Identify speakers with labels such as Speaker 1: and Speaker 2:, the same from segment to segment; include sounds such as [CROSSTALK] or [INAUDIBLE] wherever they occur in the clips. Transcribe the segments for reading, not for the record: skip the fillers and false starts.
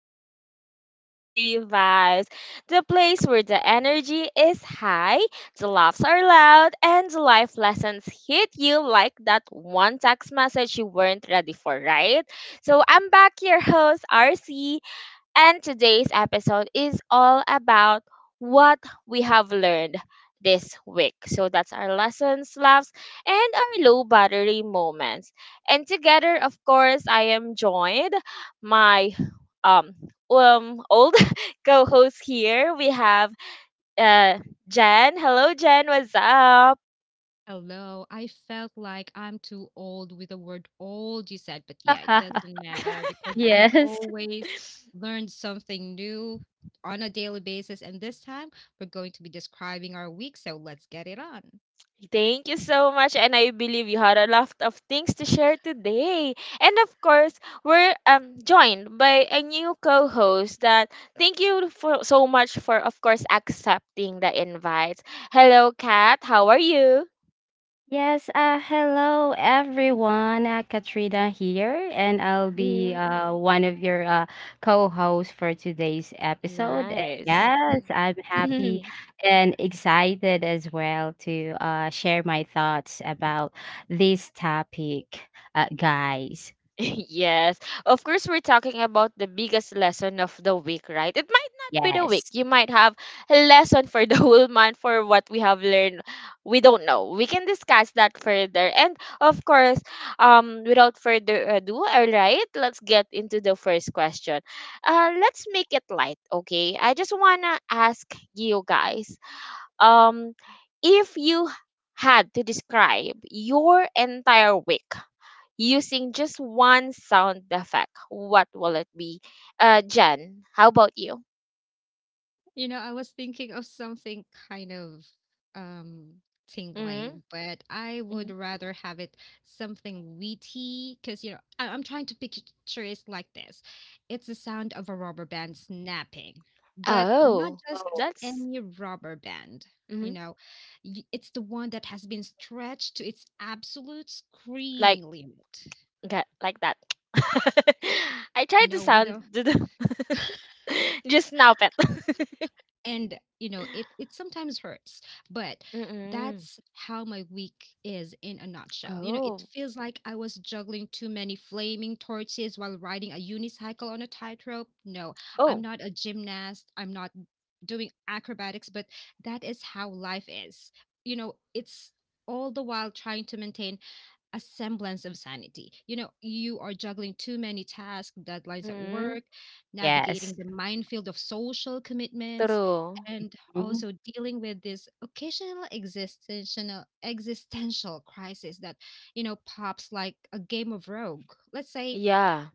Speaker 1: back here to RC Vibes, the place where the energy is high, the laughs are loud, and the life lessons hit you like that one text message you weren't ready for, right? So I'm back, your host, RC. And today's episode is all about what we have learned this week. So that's our lessons, laughs, and our low battery moments. And together, of course, I am joined my um old [LAUGHS] co-host here. We have uh Jen. Hello Jen, what's up?
Speaker 2: Hello, I felt like I'm too old with the word old you said, but yeah, it
Speaker 3: [LAUGHS]
Speaker 2: doesn't matter because we've
Speaker 3: Yes.
Speaker 2: always learned something new on a daily basis. And this time we're going to be describing our week. So let's get it on.
Speaker 1: Thank you so much, and I believe you had a lot of things to share today. And of course, we're joined by a new co-host. That thank you for so much for, of course, accepting the invite. Hello, Kat. How are you?
Speaker 3: Yes, hello everyone. Katrina here, and I'll be
Speaker 1: Mhm.
Speaker 3: one of your co-hosts for today's episode. And
Speaker 1: Nice.
Speaker 3: yes, I'm happy
Speaker 1: [LAUGHS]
Speaker 3: and excited as well to share my thoughts about this topic, guys.
Speaker 1: [LAUGHS] Yes, of course, we're talking about the biggest lesson of the week, right? It might not be the week.
Speaker 3: Yes,
Speaker 1: You might have a lesson for the [LAUGHS] whole month for what we have learned. We don't know. We can discuss that further. And of course, without further ado, all right, let's get into the first question. Let's make it light, okay? I just wanna ask you guys, um, if you had to describe your entire week using just one sound effect, what will it be? Jen, how about you?
Speaker 2: You know, I was thinking of something kind of um
Speaker 1: Hmm.
Speaker 2: tingling, but I would
Speaker 1: Hmm.
Speaker 2: rather have it something wheaty because I'm trying to picture it like this. It's the sound of a rubber band snapping, but not
Speaker 1: Oh,
Speaker 2: just
Speaker 1: that's
Speaker 2: any rubber band. You
Speaker 1: hmm,
Speaker 2: know, it's the one that has been stretched to its absolute
Speaker 1: like
Speaker 2: screaming limit.
Speaker 1: that, like that. [LAUGHS] I
Speaker 2: You
Speaker 1: tried to
Speaker 2: know, with
Speaker 1: sound
Speaker 2: a
Speaker 1: [LAUGHS] just now, pet. [LAUGHS]
Speaker 2: and you know it sometimes hurts, but
Speaker 1: Mm-mm.
Speaker 2: that's how my week is in a nutshell. You know, it
Speaker 1: Oh,
Speaker 2: feels like I was juggling too many flaming torches while riding a unicycle on a tightrope. No, I'm
Speaker 1: oh.
Speaker 2: not a gymnast, I'm not doing acrobatics, but that is how life is. You know, it's all the while trying to maintain a semblance of sanity. You know, you are juggling too many tasks, deadlines at
Speaker 1: Mm-mm.
Speaker 2: work,
Speaker 3: yes,
Speaker 2: navigating the minefield of social commitments,
Speaker 1: True.
Speaker 2: and
Speaker 3: mhm,
Speaker 2: also dealing with this occasional existential crisis that, you know, pops like a game of rogue. Let's say
Speaker 1: Yeah.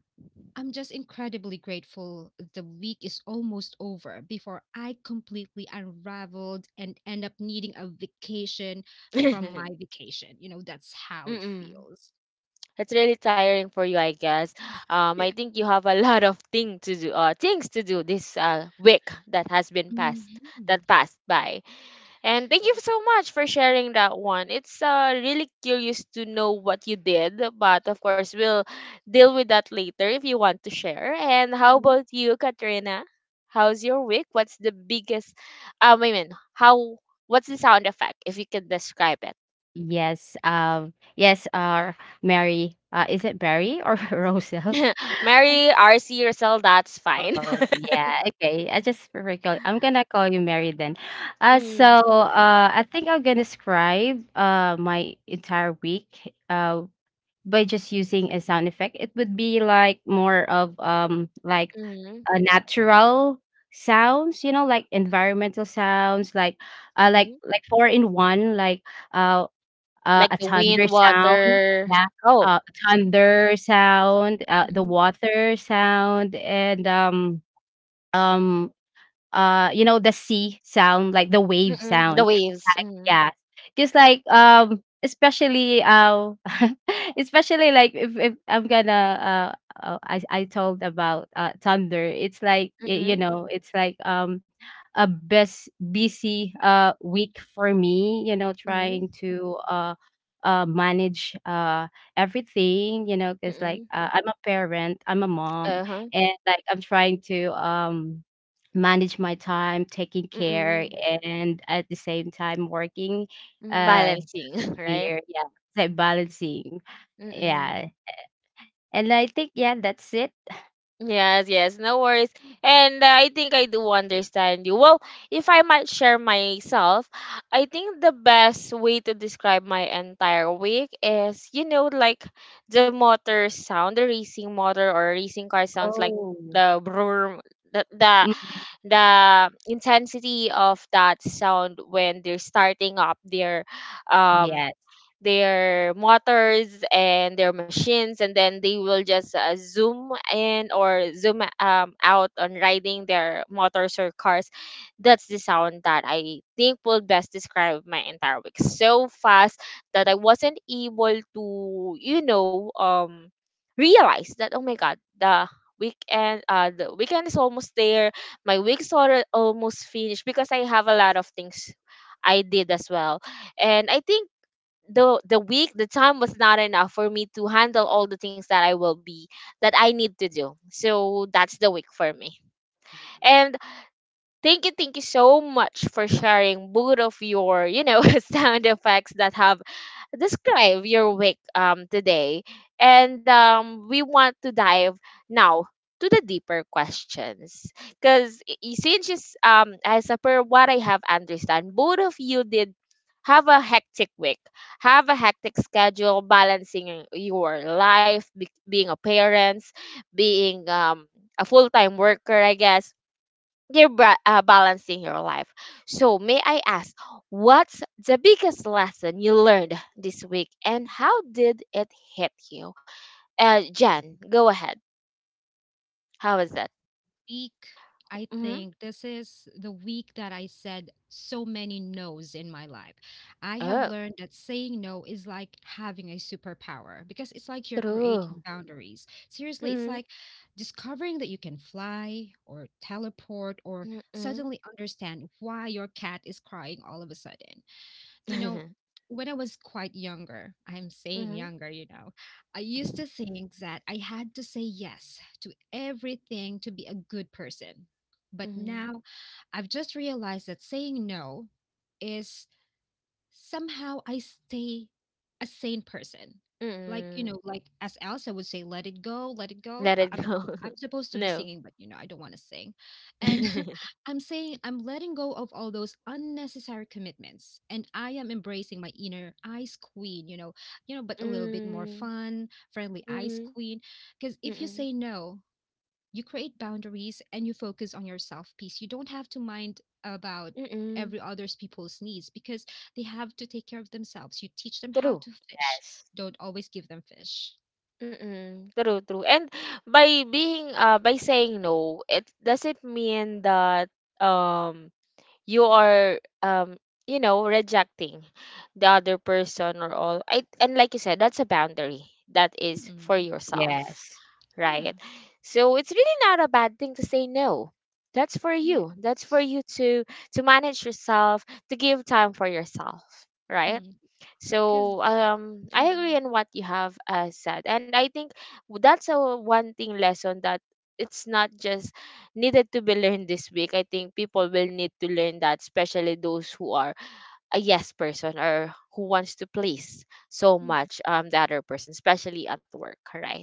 Speaker 2: I'm just incredibly grateful the week is almost over before I completely unraveled and end up needing a vacation from my
Speaker 1: [LAUGHS]
Speaker 2: vacation. You know, that's how it
Speaker 1: Mm-mm.
Speaker 2: feels.
Speaker 1: It's really tiring for you, I guess. I think you have a [LAUGHS] lot of thing to do, things to do this week that has been passed,
Speaker 2: Mhm.
Speaker 1: that passed by. And thank you
Speaker 2: True.
Speaker 1: so much for sharing that one. It's really curious to know what you did, but of course, we'll deal with that later if you want to share. And how
Speaker 2: Mhm.
Speaker 1: about you, Katrina? How's your week? What's the biggest, um, I mean, how, what's the sound effect, if you can describe it?
Speaker 3: yes. Yes. Mary. Is it Barry or [LAUGHS] Rosa?
Speaker 1: [LAUGHS] Mary, RC, Rosal, that's fine. [LAUGHS]
Speaker 3: Oh, yeah. Okay. I just recall. I'm gonna call you Mary then. So
Speaker 1: Mm,
Speaker 3: I think I'm gonna describe my entire week by just using a sound effect. It would be like more of like
Speaker 1: mhm,
Speaker 3: a natural sounds, you know, like environmental sounds, like like
Speaker 1: mhm.
Speaker 3: like four in one, like uh,
Speaker 1: Like
Speaker 3: a
Speaker 1: the
Speaker 3: thunder
Speaker 1: wind,
Speaker 3: sound,
Speaker 1: water.
Speaker 3: yeah,
Speaker 1: Oh.
Speaker 3: uh
Speaker 1: Mhm,
Speaker 3: thunder sound, the
Speaker 1: mhm,
Speaker 3: water sound, and um you know the sea sound like the wave
Speaker 1: mm. The
Speaker 3: sound,
Speaker 1: waves. Mhm,
Speaker 3: yeah. Just like especially [LAUGHS] especially like, if I'm gonna I told about thunder. It's like, you
Speaker 1: mm,
Speaker 3: know, it's like a best busy week for me, you know,
Speaker 1: mm,
Speaker 3: trying to manage everything, you know, because
Speaker 1: mm.
Speaker 3: like, I'm a parent, I'm a mom.
Speaker 1: Uh-huh.
Speaker 3: And like, I'm trying to manage my time, taking care,
Speaker 1: Mm,
Speaker 3: and at the same time working
Speaker 1: mm.
Speaker 3: uh
Speaker 1: Balancing, [LAUGHS] right?
Speaker 3: here. Yeah. It's like balancing.
Speaker 1: Mm.
Speaker 3: Yeah. And I think, yeah, that's it.
Speaker 1: Yes, yes, no worries. And I think I do understand you. Well, if I might share myself, I think the best way to describe my entire week is, you know, like the motor sound, the racing motor or racing car sounds like
Speaker 3: Oh.
Speaker 1: the brrrr, the, the
Speaker 3: Mm.
Speaker 1: the intensity of that sound when they're starting up um
Speaker 3: Yes.
Speaker 1: their motors and their machines, and then they will just zoom in or zoom out on riding their motors or cars. That's the sound that I think will best describe my entire week, so fast that I wasn't able to, you know, realize that, oh my god, the weekend, the weekend is almost there. My almost finished because I have a lot of things I did as well, and I think the week the time was not enough for me to handle all the things that I will be that I need to do. So that's the week for me. And thank you so much for sharing both of your, you know, [LAUGHS] sound effects that have describe your week today. And we want to dive now to the deeper questions. Because as a per what I have understand, both of you did have a hectic week, have a hectic schedule, balancing your life, being a parent, being a full-time worker, I guess you're balancing your life. So, may I ask, what's the biggest lesson you learned this week and how did it hit you? Jen, go ahead. How was that?
Speaker 2: Week, I
Speaker 1: Mm-hmm.
Speaker 2: think this is the week that I said so many no's in my life. I have
Speaker 1: Oh,
Speaker 2: learned that saying no is like having a superpower because it's like you're
Speaker 1: true.
Speaker 2: creating boundaries. Seriously, it's
Speaker 1: Mm-hmm.
Speaker 2: like discovering that you can fly or teleport or
Speaker 1: Mm-mm.
Speaker 2: suddenly understand why your cat is crying all of a sudden. You
Speaker 1: [LAUGHS]
Speaker 2: know,
Speaker 1: Mm-hmm.
Speaker 2: when I was quite younger, I'm saying
Speaker 1: Mm-hmm.
Speaker 2: younger, you know, I used to think that I had to say yes to everything to be a good person. But now I've just realized that saying no is somehow I stay a sane person. Like, you
Speaker 1: Mm-mm.
Speaker 2: know, like as Elsa would say, let it go, let it go.
Speaker 1: Let it go.
Speaker 2: I'm supposed
Speaker 1: [LAUGHS]
Speaker 2: to be
Speaker 1: No.
Speaker 2: singing, but you know, I don't want to sing.
Speaker 1: [LAUGHS]
Speaker 2: And
Speaker 1: Mm-mm.
Speaker 2: [LAUGHS] I'm saying I'm letting go of all those unnecessary commitments and I am embracing my inner ice queen, you know, but a little bit more fun, friendly ice
Speaker 1: Mm-mm.
Speaker 2: queen. Because if you say no, you create boundaries and you focus on yourself peace. You don't have to mind about
Speaker 1: Mm-mm.
Speaker 2: every other's people's needs because they have to take care of themselves. You teach them how
Speaker 1: True.
Speaker 2: to fish,
Speaker 3: Yes.
Speaker 2: don't always give them fish.
Speaker 1: Mm, true, true. And by being by saying no, it doesn't mean that um you are you know rejecting the other person or all. I and like you said, that's a boundary that is for
Speaker 2: Mm,
Speaker 1: yourself,
Speaker 2: yeah.
Speaker 1: right? So it's really not a bad thing to say no. That's for you. That's for
Speaker 2: Yes
Speaker 1: you to manage yourself, to give time for yourself, right?
Speaker 2: because 'cause-
Speaker 1: So I agree
Speaker 2: mm,
Speaker 1: on what you have said, and I think that's a one thing lesson that it's not just needed to be learned this week. I think people will need to learn that, especially those who are a yes person or who wants to please so
Speaker 2: mm.
Speaker 1: much the other person, especially at work, right?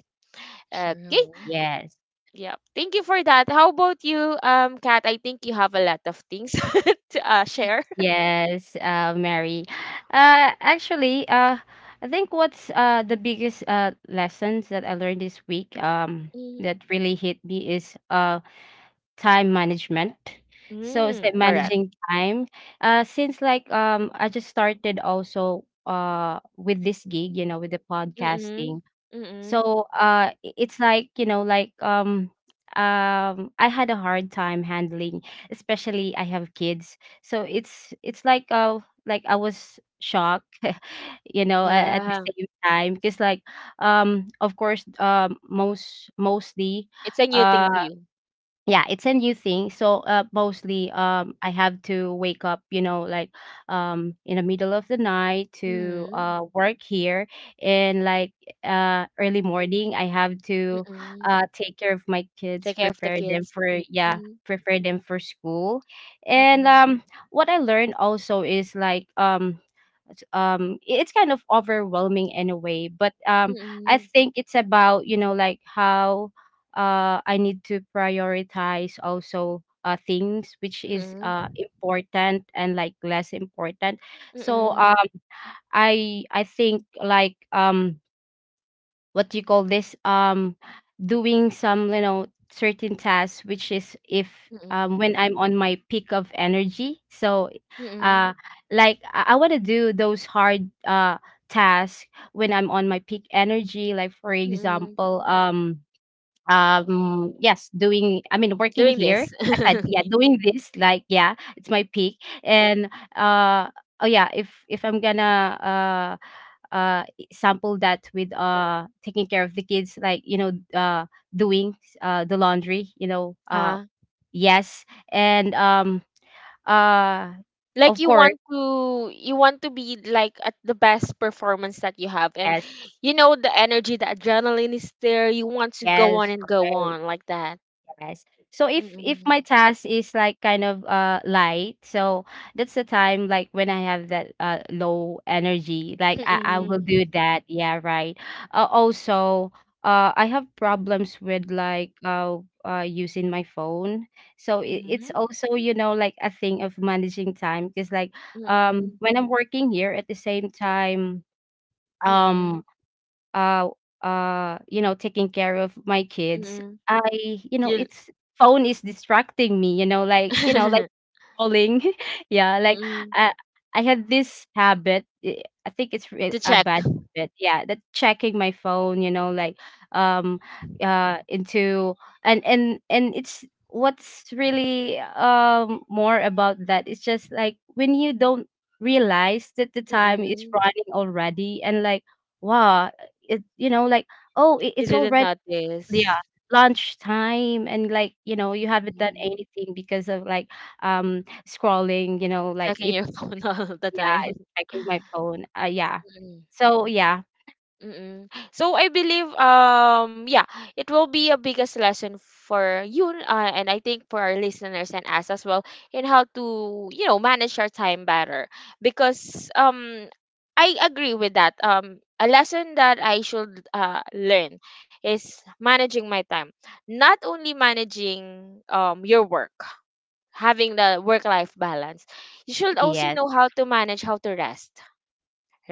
Speaker 1: Okay.
Speaker 2: true.
Speaker 3: Yes.
Speaker 1: Yeah. Thank you for that. How about you, Kat? I think you have a lot of things [LAUGHS] to share.
Speaker 3: Yes, Mary. Actually, I think what's the biggest lessons that I learned this week
Speaker 1: Mm-hmm.
Speaker 3: that really hit me is time management. So it's
Speaker 1: Mm,
Speaker 3: like
Speaker 1: correct.
Speaker 3: managing time. Since like, I just started also with this gig, you know, with the
Speaker 1: Mm-mm.
Speaker 3: podcasting.
Speaker 1: Mm-mm.
Speaker 3: So it's like, you know, like, I had a hard time handling, especially I have kids. So it's like, like I was shocked, [LAUGHS] you know, at the
Speaker 1: Yeah,
Speaker 3: same time because like, of course, mostly
Speaker 1: it's a new thing
Speaker 3: uh,
Speaker 1: to you.
Speaker 3: yeah, it's a new thing. So mostly, I have to wake up, you know, like in the middle of the night to
Speaker 1: Mhm,
Speaker 3: work here. And like, early morning I have to
Speaker 1: mm.
Speaker 3: take care of my
Speaker 1: Take
Speaker 3: kids,
Speaker 1: care of the
Speaker 3: prepare them
Speaker 1: kids.
Speaker 3: for, yeah,
Speaker 1: Mhm,
Speaker 3: prepare them for school. And
Speaker 1: mm,
Speaker 3: what I learned also is like, it's kind of overwhelming in a way, but I
Speaker 1: mm,
Speaker 3: think it's about, you know, like how I need to prioritize also things which is
Speaker 1: mm,
Speaker 3: important and like less important. So
Speaker 1: mm,
Speaker 3: I think, like, what do you call this, doing some, you know, certain tasks which is if,
Speaker 1: mm,
Speaker 3: when I'm on my peak of energy. So
Speaker 1: mm,
Speaker 3: uh like, I want to do those hard tasks when I'm on my peak energy, like for
Speaker 1: mm.
Speaker 3: example, yes, doing, I mean, working
Speaker 1: Doing
Speaker 3: here.
Speaker 1: this.
Speaker 3: I said, yeah,
Speaker 1: [LAUGHS]
Speaker 3: doing this, like, yeah, it's my peak. And uh oh yeah, if I'm gonna sample that with taking care of the kids, like, you know, doing the laundry, you know.
Speaker 1: Ah,
Speaker 3: Yes. And uh
Speaker 1: like
Speaker 3: of course.
Speaker 1: you want to be like at the best performance that you have and
Speaker 3: Yes.
Speaker 1: you know the energy, the adrenaline is there. You want to go on
Speaker 3: Yes,
Speaker 1: and go
Speaker 3: right.
Speaker 1: on like that.
Speaker 3: Yes. So if
Speaker 1: Mm-mm.
Speaker 3: my task is like kind of light, so that's the time, like, when I have that low energy, like I will
Speaker 1: Mm-mm.
Speaker 3: do that. Yeah, right. Also, I have problems with like using my phone. So it's
Speaker 1: Mm-mm.
Speaker 3: also, you know, like a thing of managing time because like,
Speaker 1: Mm-mm.
Speaker 3: when I'm working here at the same time,
Speaker 1: Mm-mm.
Speaker 3: um, uh you know, taking care of my kids,
Speaker 1: Mm-mm.
Speaker 3: I you know,
Speaker 1: You.
Speaker 3: it's, phone is distracting me, you know, like, you know,
Speaker 1: [LAUGHS]
Speaker 3: scrolling. [LAUGHS] Yeah, like
Speaker 1: Mm.
Speaker 3: I I had this habit. I think it's
Speaker 1: To
Speaker 3: a
Speaker 1: check.
Speaker 3: bad habit. Yeah, that checking my phone. You know, like, um into, and it's, what's really more about that. It's just like when you don't realize that the time is
Speaker 1: Mm.
Speaker 3: running already and like, wow, it, you know, like, oh, it,
Speaker 1: You
Speaker 3: it's
Speaker 1: didn't
Speaker 3: already,
Speaker 1: notice.
Speaker 3: yeah, lunch time. And like, you know, you haven't done
Speaker 1: Mm.
Speaker 3: anything because of like, scrolling, you know, like
Speaker 1: Checking
Speaker 3: it's,
Speaker 1: your phone [LAUGHS] all the
Speaker 3: yeah,
Speaker 1: time.
Speaker 3: it's checking
Speaker 1: [LAUGHS]
Speaker 3: my phone. Yeah.
Speaker 1: Mm.
Speaker 3: So, yeah.
Speaker 1: Mm-mm. So I believe yeah it will be a biggest lesson for you and I think for our listeners and us as well in how to you know manage our time better because I agree with that a lesson that I should learn is managing my time, not only managing your work, having the work life balance. You should also
Speaker 3: Yes.
Speaker 1: know how to manage how to rest,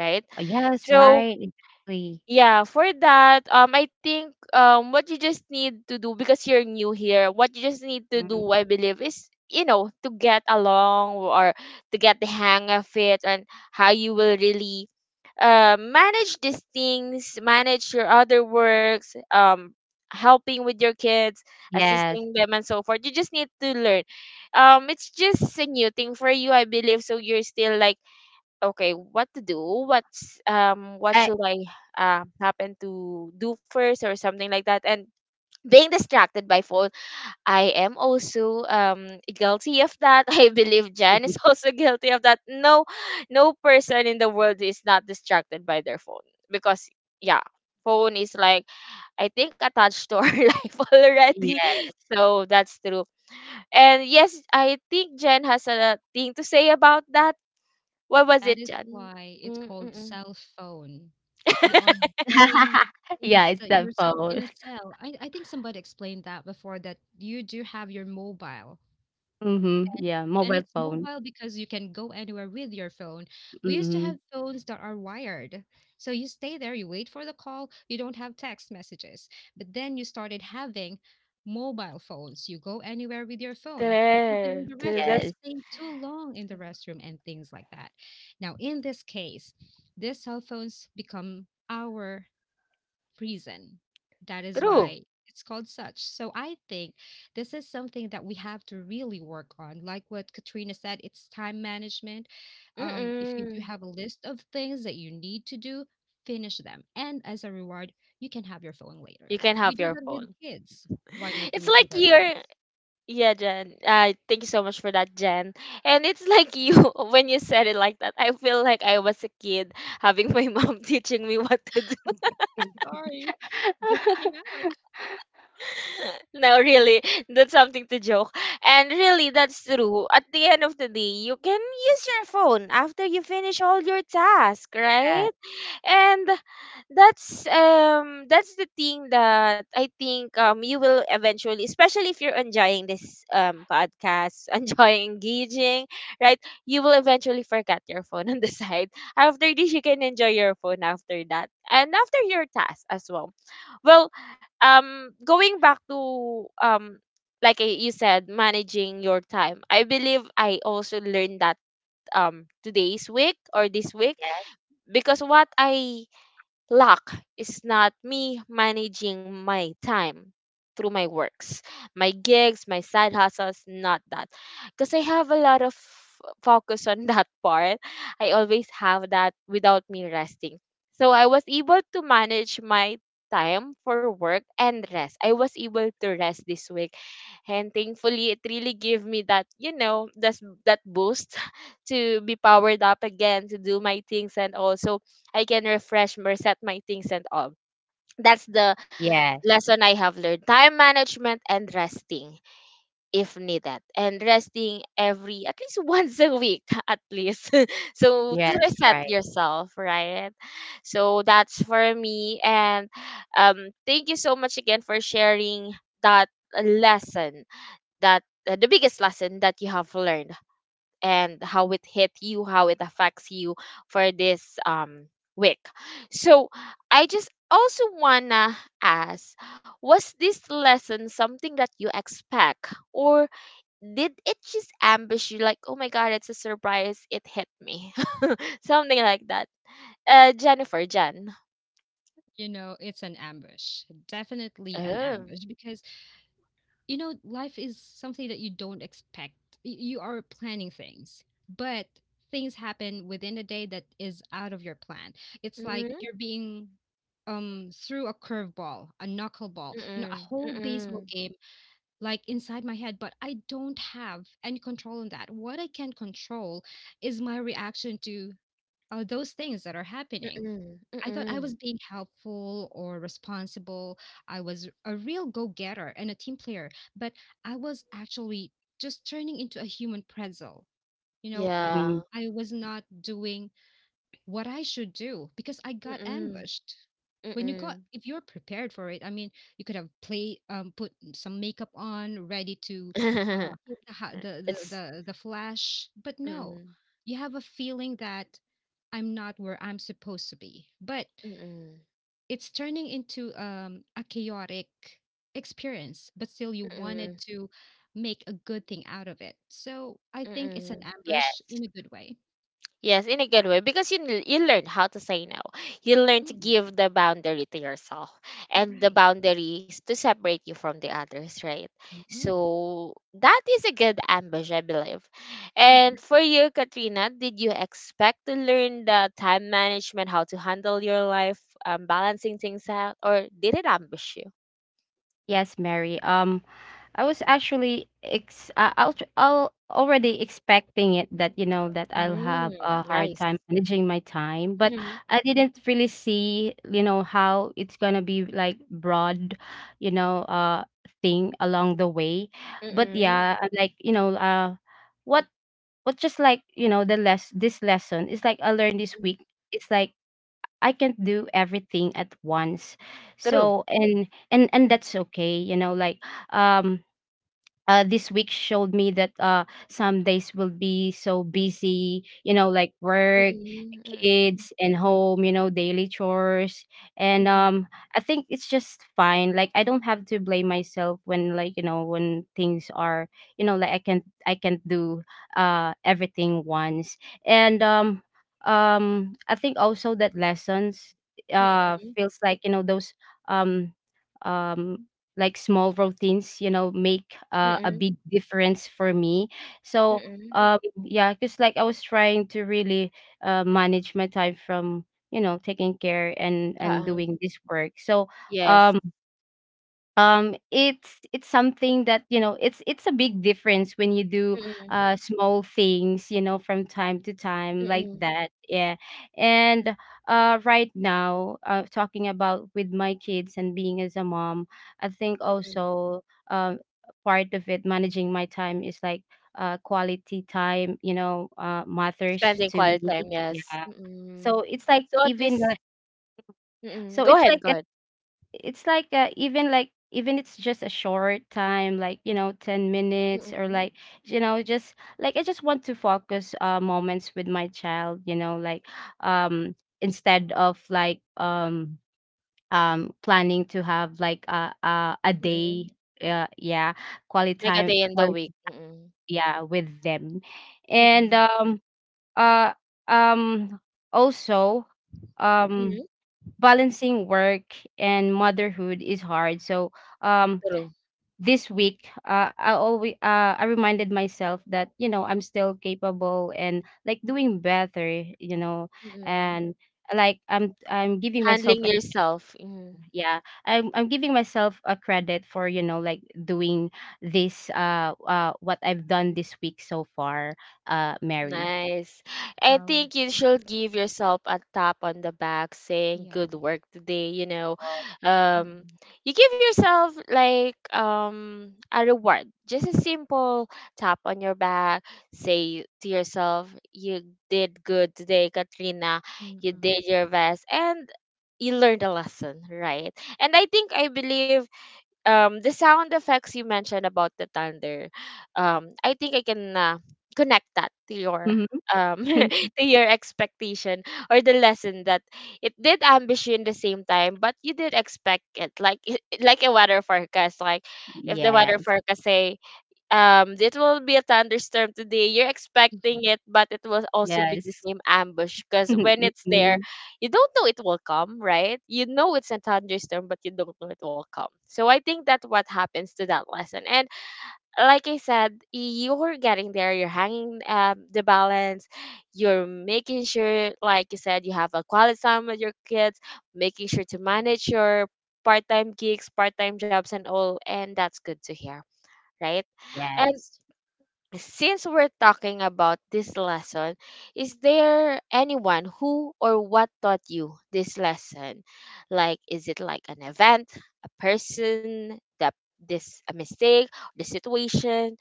Speaker 1: right?
Speaker 3: Oh, yes,
Speaker 1: So
Speaker 3: right. Exactly.
Speaker 1: yeah, for that, I think what you just need to do because you're new here, what you just need to
Speaker 3: Mhm.
Speaker 1: do, I believe, is you know to get along or to get the hang of it and how you will really manage these things, manage your other works, helping with your kids,
Speaker 3: Yes.
Speaker 1: assisting them, and so forth. You just need to learn. It's just a new thing for you, I believe. So you're still like, okay, what to do, what
Speaker 3: I,
Speaker 1: should I happen to do first or something like that. And being distracted by phone, I am also guilty of that. [LAUGHS] I believe Jan is [LAUGHS] also guilty of that. No, no person in the world is not distracted by their phone, because yeah, phone is like, I think, attached to our [LAUGHS] life
Speaker 3: [LAUGHS]
Speaker 1: already.
Speaker 3: yes.
Speaker 1: So that's true. And yes, I think Jen has a thing to say about that. What was
Speaker 2: That
Speaker 1: it,
Speaker 2: is
Speaker 1: Jan?
Speaker 2: why it's called
Speaker 1: Mm-mm.
Speaker 2: cell phone. You are
Speaker 1: [LAUGHS]
Speaker 2: getting
Speaker 3: [LAUGHS]
Speaker 2: in
Speaker 3: Yeah, it's that
Speaker 2: yourself in
Speaker 3: phone.
Speaker 2: a cell. I think somebody explained that before that you do have your mobile
Speaker 3: Mhm. Yeah,
Speaker 2: and
Speaker 3: mobile
Speaker 2: it's
Speaker 3: phone.
Speaker 2: mobile because you can go anywhere with your phone. We used to have
Speaker 3: Mhm.
Speaker 2: phones that are wired. So you stay there, you wait for the call, you don't have text messages. But then you started having mobile phones. You go anywhere with your phone, even in
Speaker 1: True,
Speaker 2: the
Speaker 1: true.
Speaker 2: restroom. You
Speaker 1: That's
Speaker 3: Yes.
Speaker 2: stay too long in the restroom and things like that. Now, in this case, these cell phones become our reason. That is
Speaker 1: true.
Speaker 2: why it's called such. So I think this is something that we have to really work on. Like what Katrina said, it's time management. If you do
Speaker 1: Mm-mm.
Speaker 2: have a list of things that you need to do, finish them. And as a reward, you can have your phone later.
Speaker 1: You can have
Speaker 2: We do
Speaker 1: your
Speaker 2: that with
Speaker 1: phone.
Speaker 2: kids. Why
Speaker 1: [LAUGHS]
Speaker 2: not
Speaker 1: It's
Speaker 2: do it
Speaker 1: like
Speaker 2: with
Speaker 1: you're,
Speaker 2: ourselves?
Speaker 1: yeah, Jen. Thank you so much for that, Jen. And it's like you, [LAUGHS] when you said it like that, I feel like I was a kid having my mom [LAUGHS] teaching me what to do. [LAUGHS]
Speaker 3: Uh,
Speaker 2: Sorry, [LAUGHS] just came out.
Speaker 1: No, really, that's something to joke. And really, that's true. At the end of the day, you can use your phone after you finish all your task, right? And that's the thing that I think you will eventually, especially if you're enjoying this podcast, [LAUGHS] enjoying engaging, right? You will eventually forget your phone on the [LAUGHS] side. After this, you can enjoy your phone after that, and after your task as well. Well, going back to like you said, managing your time. I believe I also learned that today's week or this week
Speaker 3: yes.
Speaker 1: because what I Luck is not me managing my time through my works, my gigs, my side hustles, not that. Because I have a lot of focus on [LAUGHS] that part. I always have that without me resting. So I was able to manage my time for work and rest. I was able to rest this week, and thankfully it really gave me that, you know, that boost [LAUGHS] to be powered up again to do my things, and also I can refresh, reset my things and all. That's the
Speaker 3: Yes.
Speaker 1: lesson I have learned. Time management and resting if needed. And resting every at least [LAUGHS] once a week [LAUGHS] at least, [LAUGHS] so to
Speaker 3: Yes,
Speaker 1: reset
Speaker 3: right.
Speaker 1: yourself, right? So that's for me. And thank you so much again for sharing that lesson, that the biggest lesson that you have learned, and how it hit you, how it affects you for this week. So I just also wanna ask, was this lesson something that you expect, or did it just ambush you, like, oh my god, it's a surprise, it hit me? [LAUGHS] Something like that. Jennifer, Jen.
Speaker 2: You know, it's an ambush, definitely an
Speaker 1: Oh.
Speaker 2: ambush because you know, life is something that you don't expect. You are planning things, but things happen within the day that is out of your plan. It's like
Speaker 1: Mm-hmm.
Speaker 2: you're being through a curveball, a knuckleball, you know, a
Speaker 1: Mm-mm.
Speaker 2: whole baseball
Speaker 1: Mm-mm.
Speaker 2: game like inside my head, but I don't have any control on that. What I can control is my reaction to are those things that are happening.
Speaker 1: Mm-mm.
Speaker 2: I thought I
Speaker 1: Mm-mm.
Speaker 2: was being helpful or responsible. I was a real go getter and a team player, but I was actually just turning into a human pretzel. You know,
Speaker 3: Mhm.
Speaker 1: Yeah.
Speaker 2: I was not doing what I should do because I got
Speaker 1: Mm-mm.
Speaker 2: ambushed. When you got,
Speaker 1: Mm-mm.
Speaker 2: if you're prepared for it, I mean, you could have play, put some makeup on, ready to
Speaker 1: [LAUGHS]
Speaker 2: hit the, ha- the the
Speaker 1: It's
Speaker 2: the the flash. But no,
Speaker 1: mm-mm.
Speaker 2: you have a feeling that I'm not where I'm supposed to be. But
Speaker 1: Mm,
Speaker 2: it's turning into a chaotic experience. But still, you wanted
Speaker 1: mm,
Speaker 2: to make a good thing out of it. So I think it's an
Speaker 1: mm.
Speaker 2: ambush
Speaker 3: Yes.
Speaker 2: in a good way.
Speaker 1: Yes, in a good way because you learn how to say no. You learn to
Speaker 2: Mm,
Speaker 1: give the boundary to yourself
Speaker 2: you're
Speaker 1: and the
Speaker 2: right.
Speaker 1: boundaries to separate you from the others, right?
Speaker 2: Mm-mm.
Speaker 1: So that is a good ambush, I believe. And for you, Katrina, did you expect to learn the time management, how to handle your life, balancing things out, or did it ambush you?
Speaker 3: Yes, Mary. I was actually ex I'll already expecting it, that, you know, that I'll have
Speaker 1: Mm,
Speaker 3: a hard
Speaker 1: nice.
Speaker 3: time managing my time, but
Speaker 1: Mm-hmm.
Speaker 3: I didn't really see, you know, how it's gonna be like broad, you know, thing along the way. But
Speaker 1: Mm-mm.
Speaker 3: yeah, like, you know, what what just, like, you know, the less this lesson is like I learned this week. It's like, I can't do everything at once,
Speaker 1: True.
Speaker 3: so, and that's okay, you know, like, um this week showed me that, some days will be so busy, you know, like work,
Speaker 1: Mm-mm.
Speaker 3: kids, and home, you know, daily chores. And
Speaker 1: Mm,
Speaker 3: I think it's just fine. Like, I don't have to blame myself when, like, you know, when things are, you know, like, I can do everything once. And I think also that lessons
Speaker 1: mm,
Speaker 3: feels like, you know, those um um like small routines, you know, make a
Speaker 1: mm,
Speaker 3: big difference for me. So
Speaker 1: mm.
Speaker 3: um yeah. Because like, I was trying to really manage my time from, you know, taking care and
Speaker 1: Oo,
Speaker 3: doing this work. So
Speaker 1: yes.
Speaker 3: um it's something that, you know, it's a big difference when you do
Speaker 1: Mm,
Speaker 3: small things, you know, from time to time, like
Speaker 1: mm,
Speaker 3: that, yeah. And right now, talking about with my kids and being as a mom, I think
Speaker 1: mm.
Speaker 3: also um part of it, managing my time, is like quality time, you know, matters
Speaker 1: Spending
Speaker 3: to
Speaker 1: quality
Speaker 3: me,
Speaker 1: time, yes.
Speaker 3: yeah.
Speaker 1: Mm.
Speaker 3: So
Speaker 1: So at least, mm, go
Speaker 3: it's
Speaker 1: ahead,
Speaker 3: like,
Speaker 1: go ahead.
Speaker 3: it's like even like, even it's just a short time, like, you know, 10 minutes or
Speaker 1: Mm,
Speaker 3: like, you know, just like I just want to focus moments with my child, you know, like, um instead of like, planning to have like a
Speaker 1: mm.
Speaker 3: day. Yeah, quality
Speaker 1: Like a
Speaker 3: time,
Speaker 1: day in the
Speaker 3: quality,
Speaker 1: week. Mm,
Speaker 3: yeah, with them. And
Speaker 1: mm,
Speaker 3: uh um also, um
Speaker 1: mm.
Speaker 3: balancing work and motherhood is hard. So um
Speaker 1: True.
Speaker 3: this week, I reminded myself that, you know, I'm still capable and like doing better, you know.
Speaker 1: Mm.
Speaker 3: And like,
Speaker 1: Handling yourself. Mm-hmm.
Speaker 3: yeah I'm giving myself a credit for, you know, like doing this what I've done this week so far, Mary.
Speaker 1: Nice. I
Speaker 2: Oh,
Speaker 1: think you should give yourself a tap on the back saying
Speaker 2: yeah.
Speaker 1: good work today, you know. Um
Speaker 2: Mm-mm.
Speaker 1: you give yourself like a reward. Just a simple tap on your back. Say to yourself, you did good today, Katrina. You
Speaker 2: Mm-mm.
Speaker 1: did your best and you learned a lesson, right? And I think I believe the sound effects you mentioned about the thunder. I think I can connect that to your
Speaker 3: Mhm.
Speaker 1: um
Speaker 3: [LAUGHS]
Speaker 1: [LAUGHS] to your expectation, or the lesson that it did ambush you in the same time, but you did expect it, like, [LAUGHS] like a weather forecast. Like, if the weather
Speaker 3: Yes,
Speaker 1: forecast say it will be a thunderstorm today, you're expecting
Speaker 2: [LAUGHS]
Speaker 1: it, but it will also be the
Speaker 3: yes.
Speaker 1: same ambush
Speaker 3: [LAUGHS]
Speaker 1: because when it's there,
Speaker 3: Mhm.
Speaker 1: you don't know it will come, right? You know, it's a thunderstorm, but you don't know it will come. So I think that what happens to that lesson. And like I said, you're getting there, you're hanging the balance, you're making sure, like you said, you have a quality time with your kids, making sure to manage your part-time gigs, part-time jobs and all, and that's good to hear, right? And
Speaker 3: Yes,
Speaker 1: since we're talking about this lesson, is there anyone who or what taught you this lesson? Like, is it like an event, a person, that this a mistake, the situation?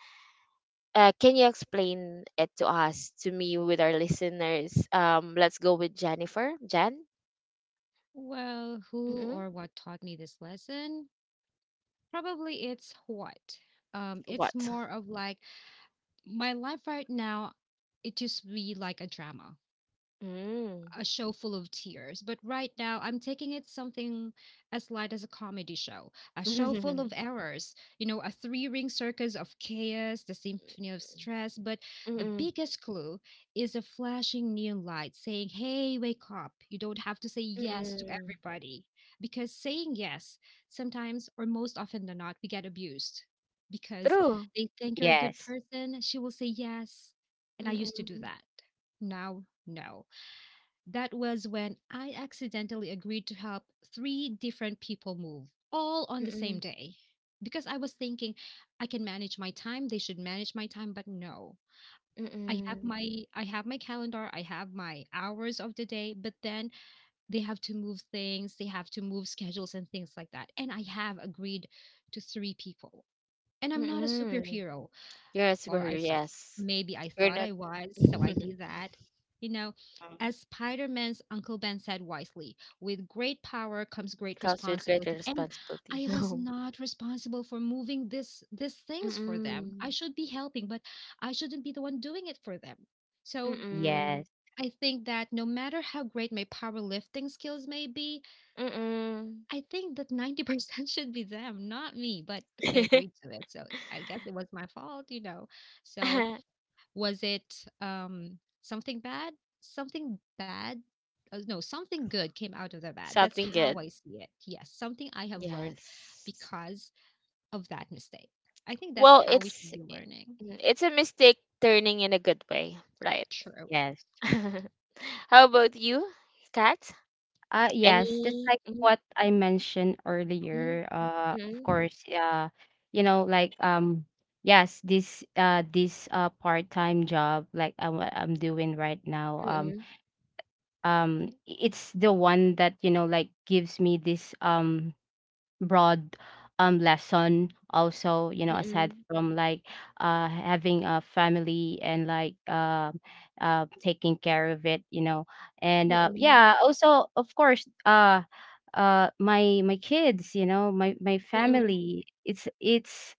Speaker 1: Can you explain it to us, to me, with our listeners? Let's go with Jennifer. Jen,
Speaker 2: Well, who
Speaker 1: mm-mm.
Speaker 2: or what taught me this lesson? Probably it's what. It's
Speaker 1: What?
Speaker 2: more of like my life right now, it just be like a drama,
Speaker 1: Mm.
Speaker 2: a show full of tears, but right now I'm taking it something as light as a comedy show, a show full
Speaker 1: [LAUGHS]
Speaker 2: of errors, you know, a three ring circus of chaos, the symphony of stress. But the
Speaker 1: Mm-mm.
Speaker 2: biggest clue is a flashing neon light saying, hey, wake up. You don't have to say yes to
Speaker 1: Mm-mm.
Speaker 2: everybody. Because saying yes, sometimes or most often than not, we get abused because
Speaker 1: True.
Speaker 2: they think you're a good
Speaker 3: yes.
Speaker 2: person. She will say yes. And I used to do
Speaker 1: Mm-mm.
Speaker 2: that. Now, no. That was when I accidentally agreed to help three different people move, all on the same
Speaker 1: Mm-mm.
Speaker 2: day. Because I was thinking I can manage my time, they should manage my time, but no.
Speaker 1: Mm-mm.
Speaker 2: I have my calendar, I have my hours of the day, but then they have to move things, they have to move schedules and things like that. And I have agreed to three people. And I'm not a
Speaker 1: Mm-mm.
Speaker 2: superhero
Speaker 1: You're a
Speaker 2: or I
Speaker 1: superhero,
Speaker 2: saw
Speaker 1: yes.
Speaker 2: maybe I
Speaker 1: You're
Speaker 2: thought
Speaker 1: not.
Speaker 2: I was,
Speaker 1: [LAUGHS]
Speaker 2: so I did that. You know, as Spider Man's Uncle Ben said wisely, with great power comes great
Speaker 1: Comes with greater
Speaker 2: responsibility. And
Speaker 1: responsibility.
Speaker 2: I
Speaker 1: [LAUGHS]
Speaker 2: was not responsible for moving this these things for them. I
Speaker 1: Mm-mm.
Speaker 2: should be helping, but I shouldn't be the one doing it for them. So
Speaker 3: Yes,
Speaker 1: Mm-mm.
Speaker 2: I think that no matter how great my powerlifting skills may be,
Speaker 1: Mm-mm.
Speaker 2: I think that 90% [LAUGHS] should be them, not me. But I agreed to it. So I guess it was my fault, you know. So
Speaker 1: [LAUGHS]
Speaker 2: was it something bad? Something bad? No, something good came out of the bad. That's
Speaker 1: Something
Speaker 2: how I
Speaker 1: good.
Speaker 2: see it. Yes, something I have learned
Speaker 1: Yes.
Speaker 2: because of that mistake. I think that's
Speaker 1: Well,
Speaker 2: how we should
Speaker 1: it's
Speaker 2: be learning.
Speaker 1: mm, it's a mistake turning in a good way, right?
Speaker 2: True.
Speaker 3: yes.
Speaker 1: [LAUGHS] How about you, Kat?
Speaker 3: Yes, just
Speaker 1: Any?
Speaker 3: like
Speaker 1: Mm-mm.
Speaker 3: what I mentioned
Speaker 1: Mm-mm.
Speaker 3: earlier,
Speaker 1: Mm-mm.
Speaker 3: of course, you know, like, yes, this, this part-time job, like what I'm doing right now,
Speaker 1: Mm-mm.
Speaker 3: it's the one that, you know, like, gives me this broad lesson also, you
Speaker 1: Mm
Speaker 3: know, aside
Speaker 1: mm,
Speaker 3: from like having a family and like, taking care of it, you know. And
Speaker 1: mm, mm,
Speaker 3: yeah, also, of course, my kids, you know, my
Speaker 1: mm.
Speaker 3: family.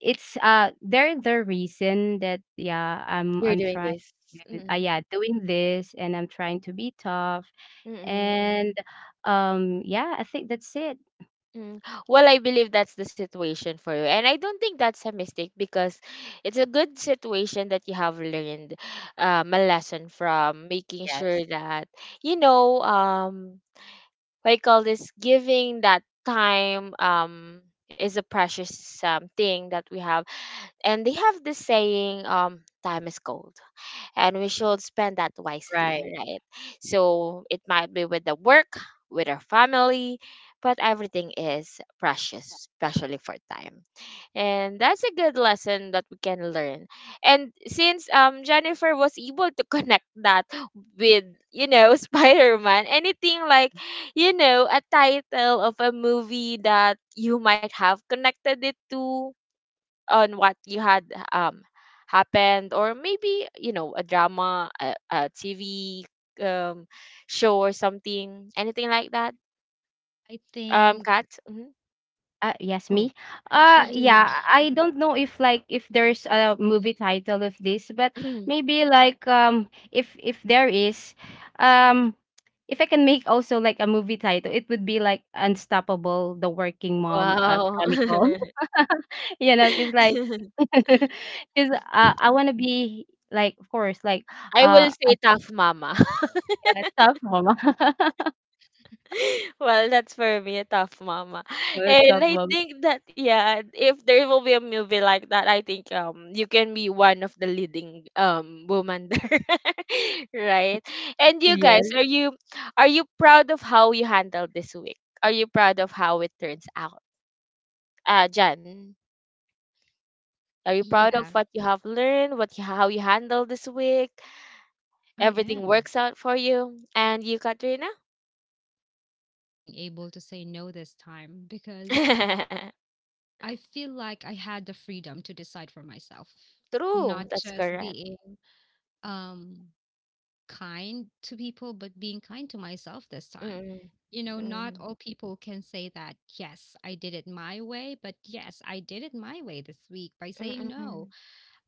Speaker 3: It's They're the reason that, yeah, i'm
Speaker 1: You're
Speaker 3: i'm
Speaker 1: doing
Speaker 3: trying
Speaker 1: this.
Speaker 3: to,
Speaker 1: Mm-mm.
Speaker 3: yeah, doing this, and I'm trying to be tough. And
Speaker 1: Mm-mm.
Speaker 3: yeah, I think that's it.
Speaker 1: Mm. Well, I believe that's the situation for you. And I don't think that's a mistake because it's a good situation that you have learned a lesson from, making
Speaker 3: Yes.
Speaker 1: sure that, you know, what you call this, giving that time is a precious thing that we have. And they have this saying, time is gold and we should spend that wisely,
Speaker 3: Right.
Speaker 1: right? So it might be with the work, with our family, but everything is precious, especially for time. And that's a good lesson that we can learn. And since Jennifer was able to [LAUGHS] connect that with, you know, [LAUGHS] Spider-Man, anything like, you know, a title of a movie that you might have connected it to on what you had um happened, or maybe, you know, a drama, a TV um show or something, anything like that,
Speaker 2: I think
Speaker 1: Cat. Mm-hmm.
Speaker 3: Yes,
Speaker 2: oh,
Speaker 3: me.
Speaker 2: oh sorry.
Speaker 1: Mm-mm.
Speaker 3: Yeah, I don't know if like if there's a movie title of this, but maybe like, if there is, um if I can make also like a movie title, it would be like Unstoppable: The Working
Speaker 1: [CLEARS THROAT]
Speaker 3: Mom,
Speaker 1: Wow.
Speaker 3: Chronicle.
Speaker 1: [LAUGHS]
Speaker 3: [LAUGHS] You know, because like, [LAUGHS] because, I want to be like, of course, like,
Speaker 1: I
Speaker 3: uh,
Speaker 1: will
Speaker 3: a
Speaker 1: say tough mama.
Speaker 3: a tough mom. [LAUGHS]
Speaker 1: [LAUGHS] Well, that's for me a tough mama.
Speaker 3: A
Speaker 1: And
Speaker 3: tough
Speaker 1: I
Speaker 3: mom.
Speaker 1: think that, yeah, if there will be a movie like that, I think you can be one of the leading woman there. [LAUGHS] Right? And you guys,
Speaker 3: Yes.
Speaker 1: are you, are you proud of how you handled this week? Are you proud of how it turns out? Jan, are you proud of
Speaker 2: Yeah,
Speaker 1: what you have learned, what you, how you handle this week?
Speaker 2: I
Speaker 1: Everything
Speaker 2: am.
Speaker 1: works out for you. And you,
Speaker 2: I
Speaker 1: Katrina?
Speaker 2: am. I am so proud of myself being able to say no this time because
Speaker 1: [LAUGHS]
Speaker 2: I feel like I had the freedom to decide for myself,
Speaker 1: True,
Speaker 2: not
Speaker 1: that's
Speaker 2: just
Speaker 1: correct.
Speaker 2: being um kind to people, but being kind to myself this time.
Speaker 1: Mm,
Speaker 2: You know, not
Speaker 1: mm,
Speaker 2: all people can say that, yes, I did it my way, but yes, I did it my way this week by saying no.
Speaker 1: mm,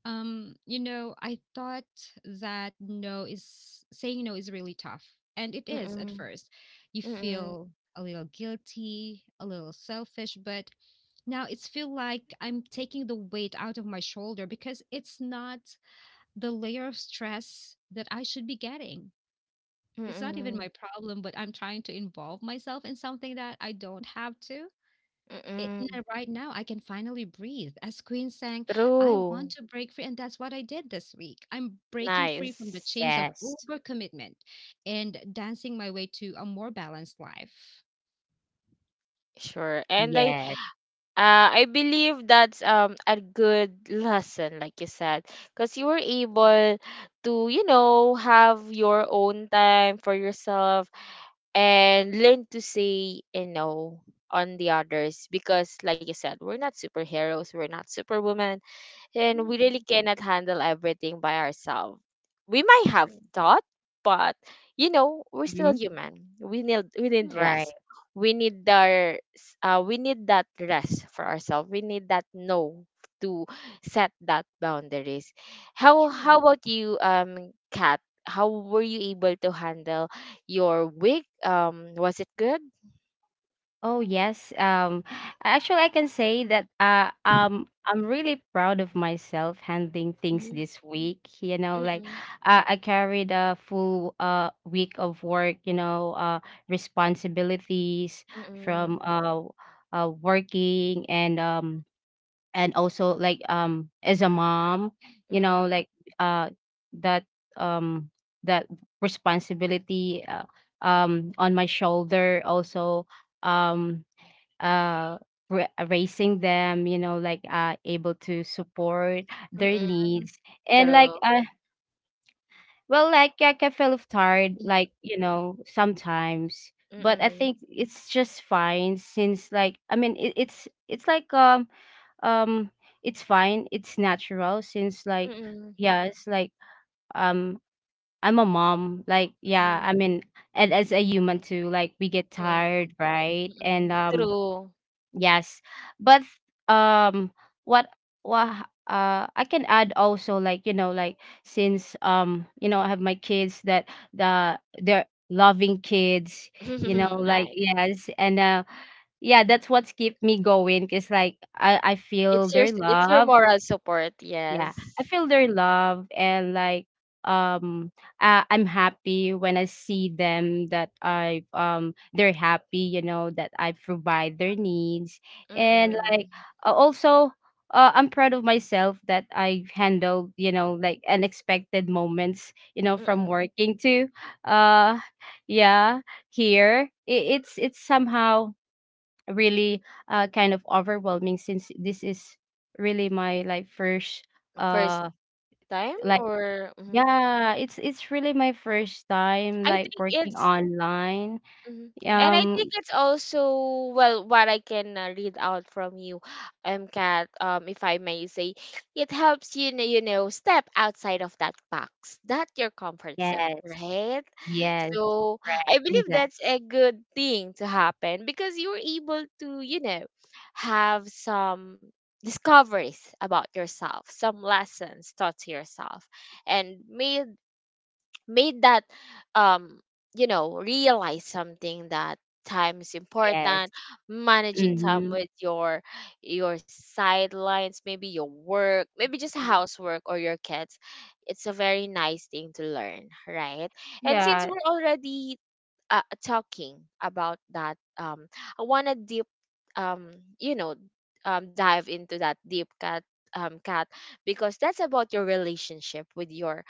Speaker 2: You know, I thought that no is saying no is really tough. And it is at
Speaker 1: mm,
Speaker 2: first. You
Speaker 1: mm,
Speaker 2: feel a little guilty, a little selfish, but now it's feel like I'm taking the weight out of my shoulder because it's not the layer of stress that I should be getting. It's not even
Speaker 1: mm,
Speaker 2: my problem, but I'm trying to involve myself in something that I don't have to.
Speaker 1: mm.
Speaker 2: Right now, I can finally breathe. As Queen sang, I
Speaker 1: True.
Speaker 2: want to break free. And that's what I did this week. I'm breaking free from the
Speaker 1: Nice.
Speaker 2: chains of
Speaker 3: Yes.
Speaker 2: overcommitment and dancing my way to a more balanced life.
Speaker 1: Sure. And I
Speaker 3: Yes.
Speaker 1: uh I believe that's a good lesson, like you said, because you were able to, you know, have your own time for yourself and learn to say, you know, on the others, because like you said, we're not superheroes, we're not superwoman, and we really
Speaker 2: Hmm.
Speaker 1: cannot handle everything by ourselves. We might have
Speaker 2: True.
Speaker 1: thought, but, you know, we're still
Speaker 3: Hmm.
Speaker 1: human. We need
Speaker 2: Hmm.
Speaker 3: Right.
Speaker 1: rest. We need that rest for ourselves. We need that no to set that boundaries. How
Speaker 2: True.
Speaker 1: how about you, Kat? How were you able to handle your week? Was it good?
Speaker 3: Oh yes. Actually, I can say that I'm really proud of myself handling things
Speaker 1: Mm-mm,
Speaker 3: this week. You know, like,
Speaker 1: mm-mm,
Speaker 3: I carried a full week of work. You know, responsibilities
Speaker 1: mm-mm,
Speaker 3: from, working and also like as a mom. You know,
Speaker 1: mm-mm,
Speaker 3: like uh that um that responsibility, on my shoulder also, um uh raising them, you know, like able to support their
Speaker 1: mm-mm.
Speaker 3: needs. And like
Speaker 1: True.
Speaker 3: well, like, yeah, I can feel tired, like, you know, sometimes. But I
Speaker 1: Mm-mm.
Speaker 3: think it's just fine since, like, I mean, it's like um it's fine, it's natural, since, like,
Speaker 1: Mm,
Speaker 3: yeah, it's like um I'm a mom, like,
Speaker 1: mm,
Speaker 3: yeah,
Speaker 1: mm,
Speaker 3: I mean, and as a human too, like, we get tired, right? And
Speaker 1: mm. True.
Speaker 3: yes. But um, what what I can add also, like, you know, like, since you know I have my kids that they're loving kids, you know,
Speaker 1: [LAUGHS]
Speaker 3: like,
Speaker 1: Nice.
Speaker 3: yes. And yeah, that's what's keep me going, 'cause like I feel their
Speaker 1: It's your
Speaker 3: love.
Speaker 1: moral support,
Speaker 3: Yeah, I
Speaker 1: yes.
Speaker 3: feel their love. And like um I'm happy when I see them, that I they're happy, you know, that I provide their needs. And
Speaker 1: Mm-mm.
Speaker 3: like also I'm proud of myself that I handled, you know, like, unexpected moments, you know, from
Speaker 1: Mm-mm.
Speaker 3: working to uh yeah, here. It's somehow really kind of overwhelming since this is really my, like, first
Speaker 1: First
Speaker 3: uh
Speaker 1: time
Speaker 3: like
Speaker 1: or mhm.
Speaker 3: yeah, it's really my first time
Speaker 1: I
Speaker 3: like
Speaker 1: think
Speaker 3: working
Speaker 1: it's
Speaker 3: online.
Speaker 1: Mhm. And I
Speaker 3: um
Speaker 1: think it's also, well, what I can read out from you, Kat, if I may say, it helps, you know, you know, step outside of that box, that your comfort zone,
Speaker 3: yes.
Speaker 1: right?
Speaker 3: Yes,
Speaker 1: So
Speaker 3: right,
Speaker 1: I believe
Speaker 3: exactly.
Speaker 1: that's a good thing to happen because you're able to, you know, have some discoveries about yourself, some lessons taught to yourself, and may made that um you know realize something that time is
Speaker 3: Yes.
Speaker 1: important, managing time
Speaker 3: Mm-hmm.
Speaker 1: with your sidelines, maybe your work, maybe just housework, or your kids. It's a very nice thing to learn, right? And
Speaker 3: Yeah.
Speaker 1: since we're already talking about that, I want to deep um you know, dive into that deep cut, because that's about your relationship with your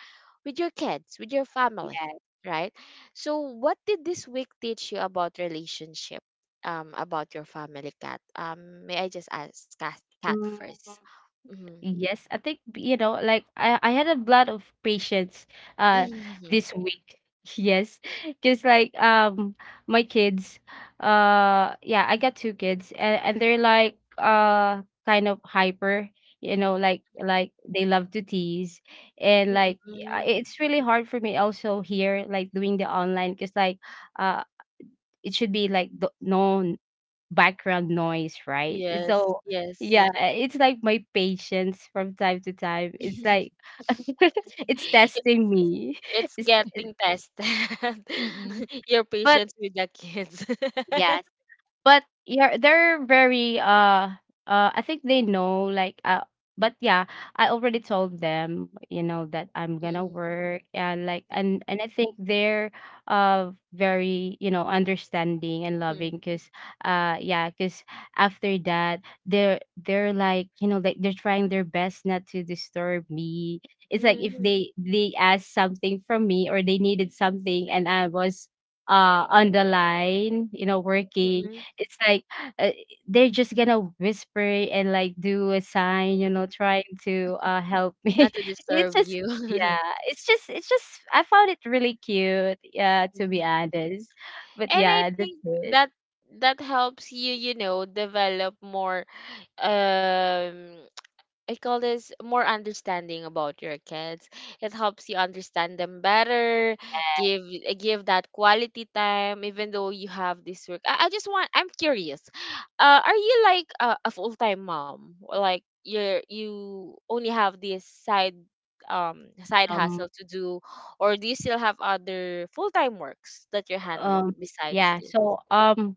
Speaker 1: with your kids, with your family, right? So what did this week teach you about relationship, about your family, Cat? May I just ask Cat, Cat 1st.
Speaker 3: Yes.
Speaker 1: Mm-hmm.
Speaker 3: Yes, I think, you know, like, I had a lot of patience uh this week. [LAUGHS] Yes, because like my kids, yeah, I got two kids, and they're like kind of hyper, you know, like, they love to tease. And like, it's really hard for me also here, like, doing the online, because like uh it should be like the, no background noise,
Speaker 1: [LAUGHS]
Speaker 3: right?
Speaker 1: Yes,
Speaker 3: So
Speaker 1: yes.
Speaker 3: yeah, it's like my patience from time to time. It's
Speaker 1: [LAUGHS] it's,
Speaker 3: like [LAUGHS] it's
Speaker 1: it's
Speaker 3: testing me. It's,
Speaker 1: getting tested.
Speaker 2: Mm-mm.
Speaker 1: [LAUGHS] Your
Speaker 3: but
Speaker 1: patience with the kids.
Speaker 3: yes.
Speaker 1: [LAUGHS]
Speaker 3: But yeah, they're very I think they know, like, but yeah, I already told them, you know, that I'm gonna
Speaker 1: Mm-mm,
Speaker 3: work, and like, and
Speaker 1: mm-mm,
Speaker 3: and I think they're very, you know, understanding and
Speaker 1: mm-mm,
Speaker 3: loving. Because yeah, because after that, they're like, you know, like, they're trying their best not to disturb me. It's like, if
Speaker 2: [LAUGHS]
Speaker 1: mm-mm,
Speaker 3: they asked something from me or they needed something, and I was on the line, you know, working.
Speaker 1: mm-mm,
Speaker 3: It's like uh, they're just gonna whisper, and, like, do a sign, you
Speaker 1: mm-mm.
Speaker 3: know, trying to, help
Speaker 1: Not
Speaker 3: me.
Speaker 1: to
Speaker 3: [LAUGHS] It's
Speaker 1: disturb
Speaker 3: just
Speaker 1: you.
Speaker 3: yeah,
Speaker 1: [LAUGHS]
Speaker 3: it's just I found it really cute, yeah, to be
Speaker 1: Mhm.
Speaker 3: honest. But
Speaker 1: And I
Speaker 3: yeah, that's
Speaker 1: think
Speaker 3: it.
Speaker 1: that that helps you, you know, develop more um I call this, more understanding about your kids. It helps you understand them better, give give that quality time, even though you have this work. I just want, I'm curious. Are you like a full time mom? Or like, you're, you only have this side
Speaker 3: Um
Speaker 1: hustle to do, or do you still have other full time works that you're handling
Speaker 3: um,
Speaker 1: besides
Speaker 3: yeah,
Speaker 1: this?
Speaker 3: so,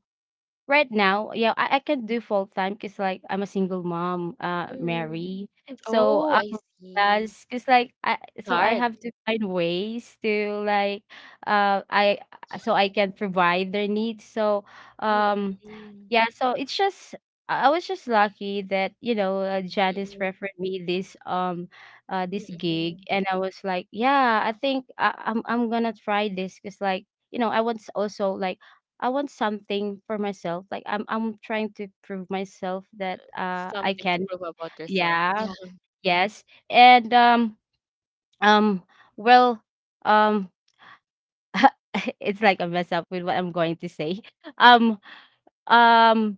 Speaker 3: right now, yeah, I can do full time because, like, I'm a single mom,
Speaker 1: Mm.
Speaker 3: Mary. So
Speaker 1: Oh, I see.
Speaker 3: yes, because, like,
Speaker 1: It's
Speaker 3: so I
Speaker 1: hard.
Speaker 3: have to find ways to, like, I so I can provide their needs. So um,
Speaker 1: Mm-mm.
Speaker 3: yeah, so it's just I was just lucky that, you know, Janice referred me this, this gig.
Speaker 1: Mm-mm.
Speaker 3: And I was like, yeah, I think I'm gonna try this because like, you know, I was also like, I want something for myself. Like, I'm trying to prove myself that I
Speaker 1: Something to
Speaker 3: can.
Speaker 1: prove about yourself. Yeah.
Speaker 3: Yeah. Yes. And um well, um [LAUGHS] it's like a mess up with what I'm going to say. [LAUGHS] Um um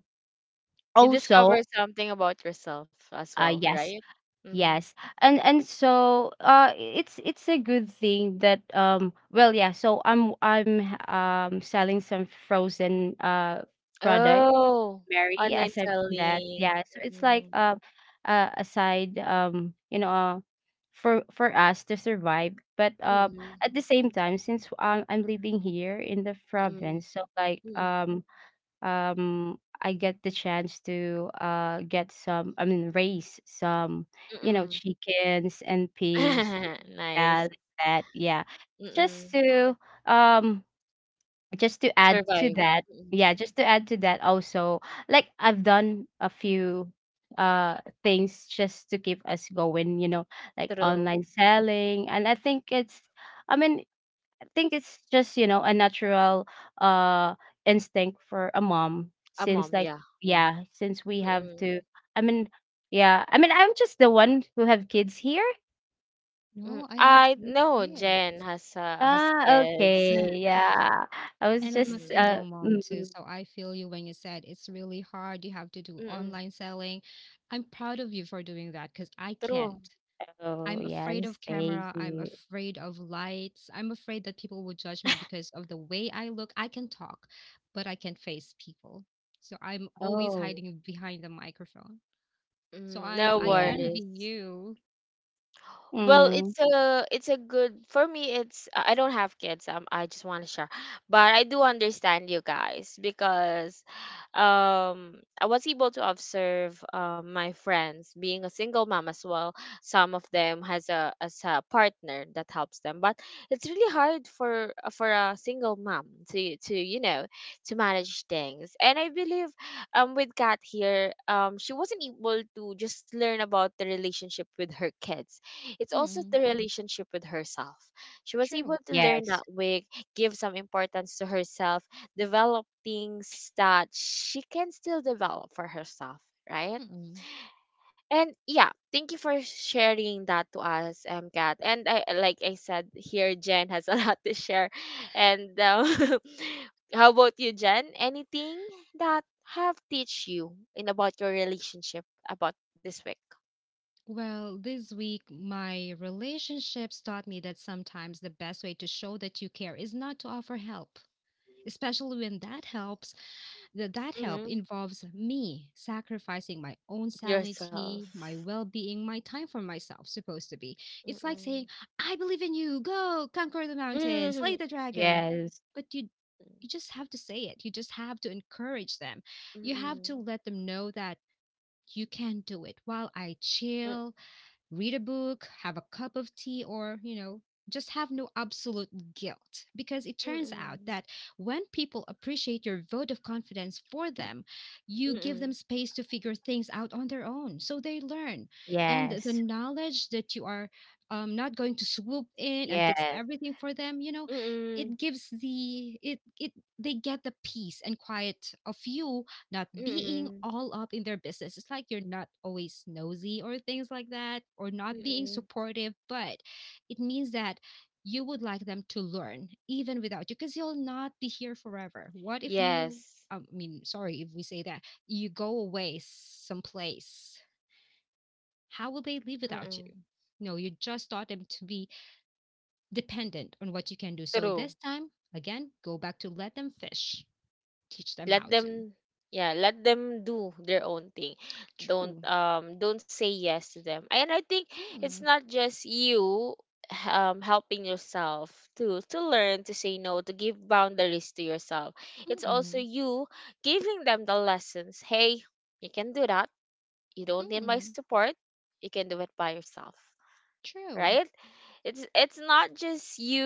Speaker 1: You discover
Speaker 3: also
Speaker 1: something about yourself as well,
Speaker 3: yes.
Speaker 1: right? Mm-hmm.
Speaker 3: Yes. And so it's a good thing that well, yeah, so I'm selling some frozen products,
Speaker 1: Oh,
Speaker 3: marry
Speaker 1: online
Speaker 3: aside from that. [LAUGHS]
Speaker 1: selling.
Speaker 3: Yeah, so it's like
Speaker 1: Mm-mm.
Speaker 3: aside, you know, for us to survive. But
Speaker 1: Mm-mm.
Speaker 3: at the same time, since I'm living here in the
Speaker 1: Mm-mm.
Speaker 3: province, so like
Speaker 1: Mm-mm.
Speaker 3: I get the chance to get some, I mean, raise some, you know, chickens and pigs.
Speaker 1: Mm-mm. [LAUGHS] Nice.
Speaker 3: That that yeah, just
Speaker 1: Mm-mm.
Speaker 3: to um just to add to
Speaker 1: Survive.
Speaker 3: that.
Speaker 1: Mm-mm.
Speaker 3: Yeah, just to add to that also. Like, I've done a few uh things just to keep us going, you know, like,
Speaker 1: True.
Speaker 3: online selling. And I think it's, I mean, I think it's just, you know, a natural uh instinct for a mom,
Speaker 1: A
Speaker 3: since
Speaker 1: mom,
Speaker 3: like,
Speaker 1: yeah.
Speaker 3: yeah, since we have
Speaker 1: Mm-mm.
Speaker 3: to, I mean, yeah, I mean, I'm just the one who have kids here.
Speaker 1: Mm-mm.
Speaker 2: No, I have
Speaker 1: I
Speaker 2: three
Speaker 1: know Jen
Speaker 2: kids.
Speaker 1: has
Speaker 3: Ah,
Speaker 1: kids. [LAUGHS]
Speaker 3: okay, yeah, I was
Speaker 2: And I'm a
Speaker 3: just
Speaker 1: Mm-mm.
Speaker 2: single mom too, so I feel you when you said it's really hard. You have to do
Speaker 1: Mm-mm.
Speaker 2: online selling. I'm proud of you for doing that because I can't.
Speaker 1: True.
Speaker 3: oh
Speaker 2: I'm afraid
Speaker 3: yes,
Speaker 2: of
Speaker 3: thank
Speaker 2: camera. I'm
Speaker 3: you.
Speaker 2: afraid of lights. I'm afraid that people would judge me because of the way I look. I can talk, but I can't face people. So I'm always
Speaker 3: Oh,
Speaker 2: hiding behind the microphone. So
Speaker 1: Mm,
Speaker 2: I
Speaker 1: no
Speaker 2: I
Speaker 3: yeah.
Speaker 1: worries.
Speaker 2: envy you.
Speaker 1: Well,
Speaker 3: Mm.
Speaker 1: it's a, it's a good, for me. It's, I don't have kids. I just want to share, but I do understand you guys because, I was able to observe my friends being a single mom as well. Some of them has a, as a partner that helps them, but it's really hard for a single mom to, you know, to manage things. And I believe with Kat here, she wasn't able to just learn about the relationship with her kids, it's also the
Speaker 2: Mm-mm,
Speaker 1: relationship with herself. She was able
Speaker 2: true.
Speaker 1: to learn
Speaker 3: Yes.
Speaker 1: that way, give some importance to herself, develop things that she can still develop for herself, right?
Speaker 2: Mm-mm.
Speaker 1: And yeah, thank you for sharing that to us, Kat. And I, like I said, here Jen has a [LAUGHS] lot to share. And [LAUGHS] how about you, Jen? Anything that have teach you in about your relationship about this week?
Speaker 2: Well, this week, my relationships taught me that sometimes the best way to show that you care is not to offer help, especially when that helps, that help
Speaker 1: Mm,
Speaker 2: involves me sacrificing my own sanity, my
Speaker 1: yourself.
Speaker 2: well being, my time for myself, supposed to be. It's like saying, I believe in you, go conquer the mountain, slay
Speaker 1: Mm,
Speaker 2: the dragon.
Speaker 3: Yes.
Speaker 2: But you just have to say it. You just have to encourage them. You have to
Speaker 1: mm,
Speaker 2: let them know that you can do it while I
Speaker 1: mm,
Speaker 2: chill, read a book, have a cup of tea, or, just have no absolute guilt. Because it turns out
Speaker 1: mm,
Speaker 2: that when people appreciate your vote of confidence for them, you give them
Speaker 1: mm,
Speaker 2: space to figure things out on their own. So they learn. And the
Speaker 3: Yes.
Speaker 2: knowledge that you are not going to swoop in and fix
Speaker 3: Yes.
Speaker 2: everything for them,
Speaker 1: mm,
Speaker 2: it gives the it it they get the peace and quiet of you not being
Speaker 1: mm,
Speaker 2: all up in their business. It's like you're not always nosy or things like that, or not being
Speaker 1: mm.
Speaker 2: supportive, but it means that you would like them to learn even without you because you'll not be here forever. What if you,
Speaker 1: Yes.
Speaker 2: I mean, sorry if we say that, you go away someplace? How will they live without
Speaker 1: Mm-mm.
Speaker 2: you? No, you just taught them to be dependent on what you can do. So
Speaker 1: True.
Speaker 2: this time, again, go back to let them fish, teach them how
Speaker 1: Let
Speaker 2: to.
Speaker 1: them, yeah, let them do their own thing.
Speaker 2: True.
Speaker 1: Don't say yes to them. And I think it's
Speaker 2: Mm,
Speaker 1: not just you helping yourself to learn to say no, to give boundaries to yourself. It's
Speaker 2: mm-mm.
Speaker 1: also you giving them the lessons. Hey, you can do that. You don't need my
Speaker 2: Mm,
Speaker 1: support. You can do it by yourself,
Speaker 2: true.
Speaker 1: right? It's not just you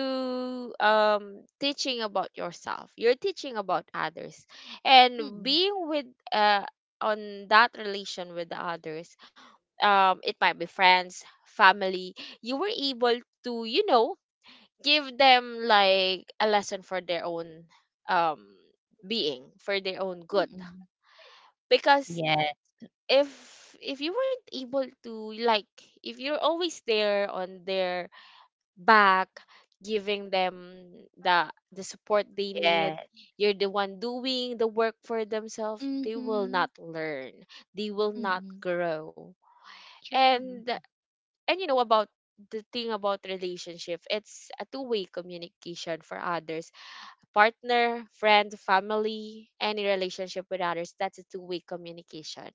Speaker 1: teaching about yourself. You're teaching about others. And
Speaker 2: Mm,
Speaker 1: being with uh on that relation with the others, it might be friends, family, you were able to give them like a lesson for their own um being, for their own good,
Speaker 2: mm,
Speaker 1: because
Speaker 3: Yes.
Speaker 1: if if you weren't able to, like, if you're always there on their back giving them the support they need,
Speaker 3: Yes.
Speaker 1: you're the one doing the work for themselves. They will
Speaker 2: mhm,
Speaker 1: not learn, they will not
Speaker 2: mm,
Speaker 1: grow.
Speaker 2: true.
Speaker 1: And and you know about the thing about relationship, it's a two-way communication for others, partner, friend, family, any relationship with others, that's a two-way communication.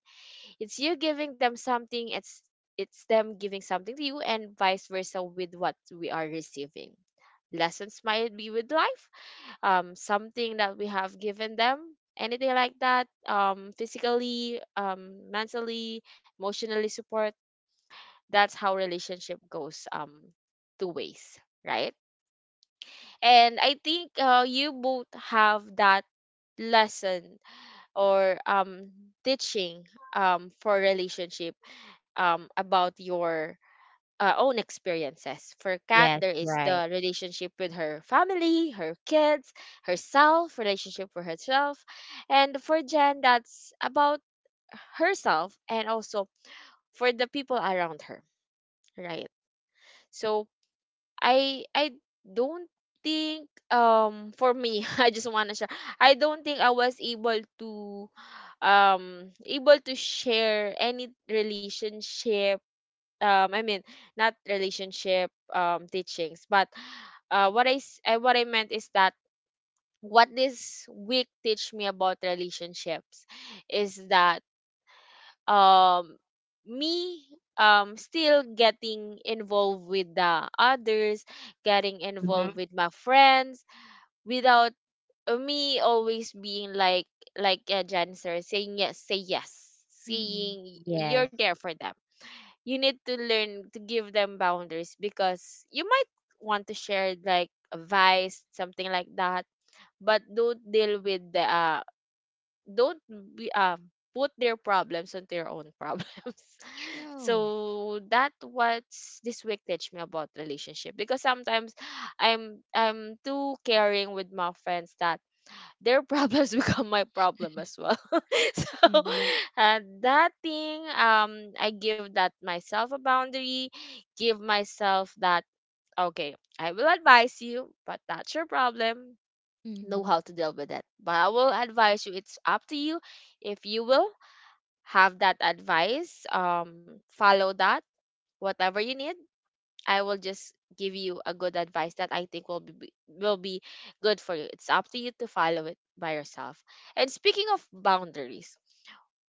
Speaker 1: It's you giving them something, it's them giving something to you, and vice versa. With what we are receiving, lessons might be with life, something that we have given them, anything like that, physically, mentally, emotionally support. That's how relationship goes, two ways, right? And I think, you both have that lesson or teaching, for relationship, about your own experiences. For Kat,
Speaker 3: Yes.
Speaker 1: there is
Speaker 3: Right.
Speaker 1: the relationship with her family, her kids, herself, relationship for herself. And for Jen, that's about herself and also for the people around her, right? So I don't think, for me, [LAUGHS] I just want to share. I don't think I was able to able to share any relationship, I mean, not relationship, teachings, but what I meant is that what this week teach me about relationships is that, um me, still getting involved with the others, getting involved
Speaker 3: Mm-hmm.
Speaker 1: with my friends without, me always being like Janser, saying yes, say yes,
Speaker 2: Mm,
Speaker 1: saying
Speaker 3: Yes.
Speaker 1: you're there for them. You need to learn to give them boundaries, because you might want to share like advice, something like that, but don't deal with the don't be put their problems onto your own [LAUGHS] problems.
Speaker 2: true.
Speaker 1: So that what's this week teach me about relationship, because sometimes I'm too caring with my friends that their problems [LAUGHS] become my problem as well. [LAUGHS] So,
Speaker 2: Mm,
Speaker 1: that thing, I give that myself a boundary, give myself that, okay, I will advise you, but that's your problem. Know
Speaker 2: mm,
Speaker 1: how to deal with it. But I will advise you. It's up to you if you will have that advice. Follow that whatever you need, I will just give you a good advice that I think will be good for you. It's up to you to follow it by yourself. And speaking of boundaries,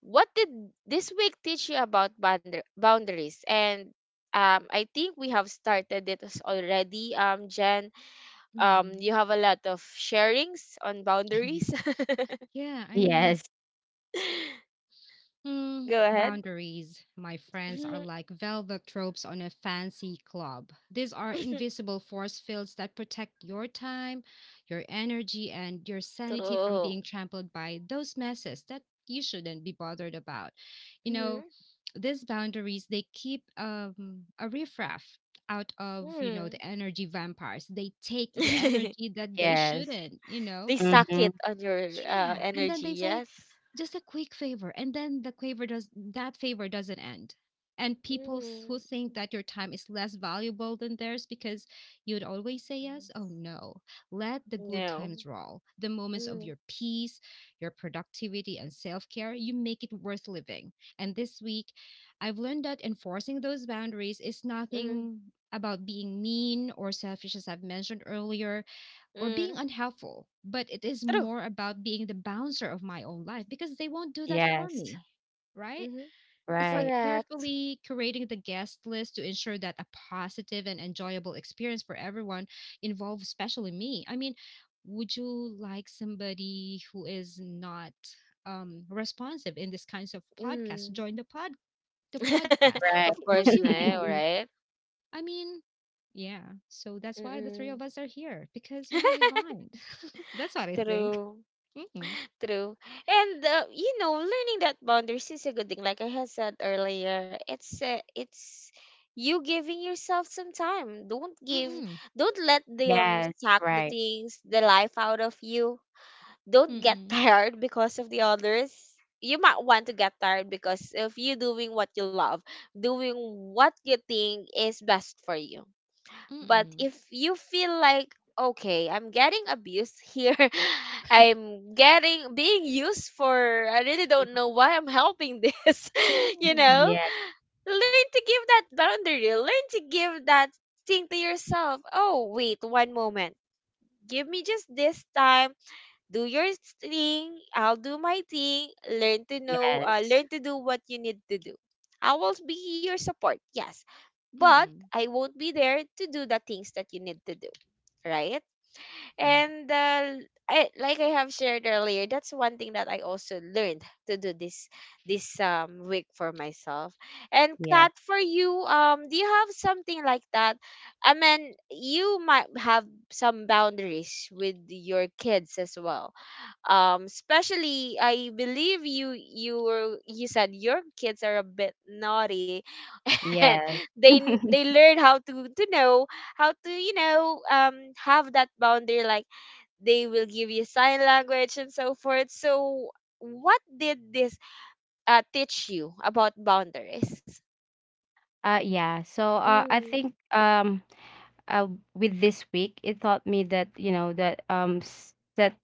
Speaker 1: what did this week teach you about boundaries? And, I think we have started it as already. Jen,
Speaker 2: mm.
Speaker 1: you have a lot of sharings on
Speaker 2: [LAUGHS]
Speaker 1: boundaries. [LAUGHS]
Speaker 2: Yeah, I mean,
Speaker 3: Yes.
Speaker 1: Go ahead. [LAUGHS]
Speaker 2: Boundaries, my friends, are like velvet tropes on a fancy club. These are invisible force fields that protect your time, your energy, and your sanity from being
Speaker 1: True.
Speaker 2: trampled by those messes that you shouldn't be bothered about. You know, these boundaries they keep a riffraff out of
Speaker 1: Mm-hmm.
Speaker 2: the energy vampires. They take the energy
Speaker 1: [LAUGHS]
Speaker 2: that they
Speaker 3: Yes.
Speaker 2: shouldn't. You know
Speaker 1: They suck
Speaker 3: Mm-hmm.
Speaker 1: it on your
Speaker 2: yeah, and then
Speaker 1: energy.
Speaker 2: they say,
Speaker 1: Yes.
Speaker 2: "Just a quick favor," and then the favor does that favor doesn't end. And people
Speaker 1: Mm.
Speaker 2: who think that your time is less valuable than theirs because you'd always say yes, oh no. Let the good
Speaker 1: No.
Speaker 2: times roll. The moments of
Speaker 1: Mm.
Speaker 2: your peace, your productivity, and self care, you make it worth living. And this week, I've learned that enforcing those boundaries is
Speaker 1: Mm.
Speaker 2: nothing about being mean or selfish, as I've mentioned earlier or being
Speaker 1: Mm.
Speaker 2: unhelpful, but it is
Speaker 1: True.
Speaker 2: more about being the bouncer of my own life because they won't do that for
Speaker 3: Yes.
Speaker 2: me, right?
Speaker 1: Mm-hmm.
Speaker 2: It's like
Speaker 3: Right.
Speaker 1: Correct.
Speaker 2: carefully curating the guest list to ensure that a positive and enjoyable experience for everyone involved, especially me. I mean, would you like somebody who is not responsive in these kinds of podcasts
Speaker 1: Mm.
Speaker 2: join the podcast?
Speaker 1: [LAUGHS] Of
Speaker 2: Of
Speaker 3: Right.
Speaker 1: course,
Speaker 2: course you
Speaker 1: no.
Speaker 2: won't.
Speaker 3: [LAUGHS]
Speaker 1: Right.
Speaker 2: I mean, yeah. So that's why the three
Speaker 1: Mm-mm.
Speaker 2: of us are here because you know
Speaker 1: [LAUGHS]
Speaker 2: we bind. That's what I think.
Speaker 1: True.
Speaker 2: Mm-mm.
Speaker 1: True. And, you know, learning that boundaries is a good thing. Like I had said earlier, it's you giving yourself some time. Don't give.
Speaker 2: Mm-mm.
Speaker 1: Don't let them
Speaker 3: yes.
Speaker 1: suck the
Speaker 3: Right.
Speaker 1: things, the life out of you. Don't get [LAUGHS]
Speaker 2: Mm-mm.
Speaker 1: tired because of the others. You might want to get tired because of you doing what you love, doing what you think is best for you. But
Speaker 2: Mm-mm.
Speaker 1: if you feel like, okay, I'm getting abused here, [LAUGHS] I'm getting being used for, I really don't know why I'm helping this, [LAUGHS] you
Speaker 2: Mm-mm.
Speaker 1: know,
Speaker 3: Yes.
Speaker 1: learn to give that boundary, learn to give that thing to yourself. Oh, wait, one moment. Give me just this time, do your thing, I'll do my thing, learn to know,
Speaker 3: Yes.
Speaker 1: learn to do what you need to do. I will be your support, yes, but
Speaker 2: Mm-mm.
Speaker 1: I won't be there to do the things that you need to do, right?
Speaker 2: Right.
Speaker 1: And, I, like I have shared earlier, that's one thing that I also learned to do this week for myself. And Kat,
Speaker 3: Yes.
Speaker 1: for you, do you have something like that? I mean, you might have some boundaries with your kids as well, especially I believe you said your kids are a bit naughty [LAUGHS] and
Speaker 3: Yes. [LAUGHS]
Speaker 1: they learn how to know how to, you know, have that boundary, like they will give you sign language and so forth. So what did this teach you about boundaries?
Speaker 3: Yeah. So I
Speaker 1: Mm.
Speaker 3: think uh, with this week, it taught me that, you know, that that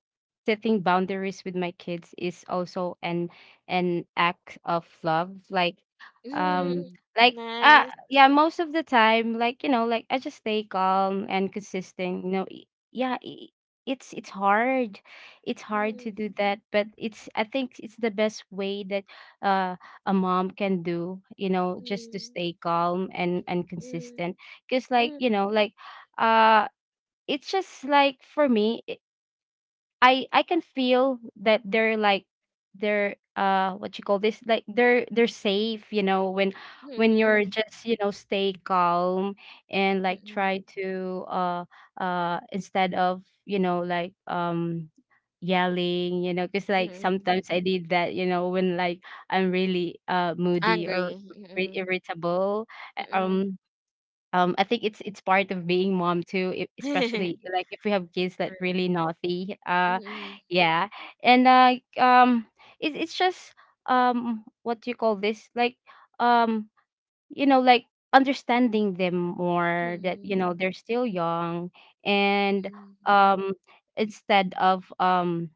Speaker 3: setting boundaries with my kids is also an act of love.
Speaker 1: Mm.
Speaker 3: Um,
Speaker 2: Mm,
Speaker 3: like
Speaker 1: Nice.
Speaker 3: yeah, most of the time, like, you know, like, I just stay calm and consistent. You know, yeah. It's hard, it's hard to
Speaker 1: Mm.
Speaker 3: do that, but it's, I think it's the best way that uh a mom can do, you know, just to
Speaker 1: Mm.
Speaker 3: stay calm and
Speaker 1: Mm.
Speaker 3: consistent. Because, like,
Speaker 1: Mm.
Speaker 3: you know, like uh it's just like, for me, I can feel that they're like, they're what you call this, like, they're safe, you know,
Speaker 1: Mm.
Speaker 3: when you're
Speaker 1: Mm.
Speaker 3: just, you know, stay calm, and, like,
Speaker 1: Mm.
Speaker 3: try to instead of, you know, like, yelling, you know, because, like,
Speaker 1: Mm.
Speaker 3: sometimes I did that, you know, when, like, I'm really moody or
Speaker 1: Angry. Mm.
Speaker 3: irritable. uh,
Speaker 1: Mm.
Speaker 3: um I think it's part of being mom too, e
Speaker 1: [LAUGHS] Hehehe.
Speaker 3: especially, like, if we have kids that
Speaker 2: true.
Speaker 3: really naughty.
Speaker 1: Hmm.
Speaker 3: Yeah. And it's just, what do you call this? Like, um, you know, like, understanding them more, that you know
Speaker 1: Hmm.
Speaker 3: they're still young. And
Speaker 1: Hmm.
Speaker 3: um, instead of um,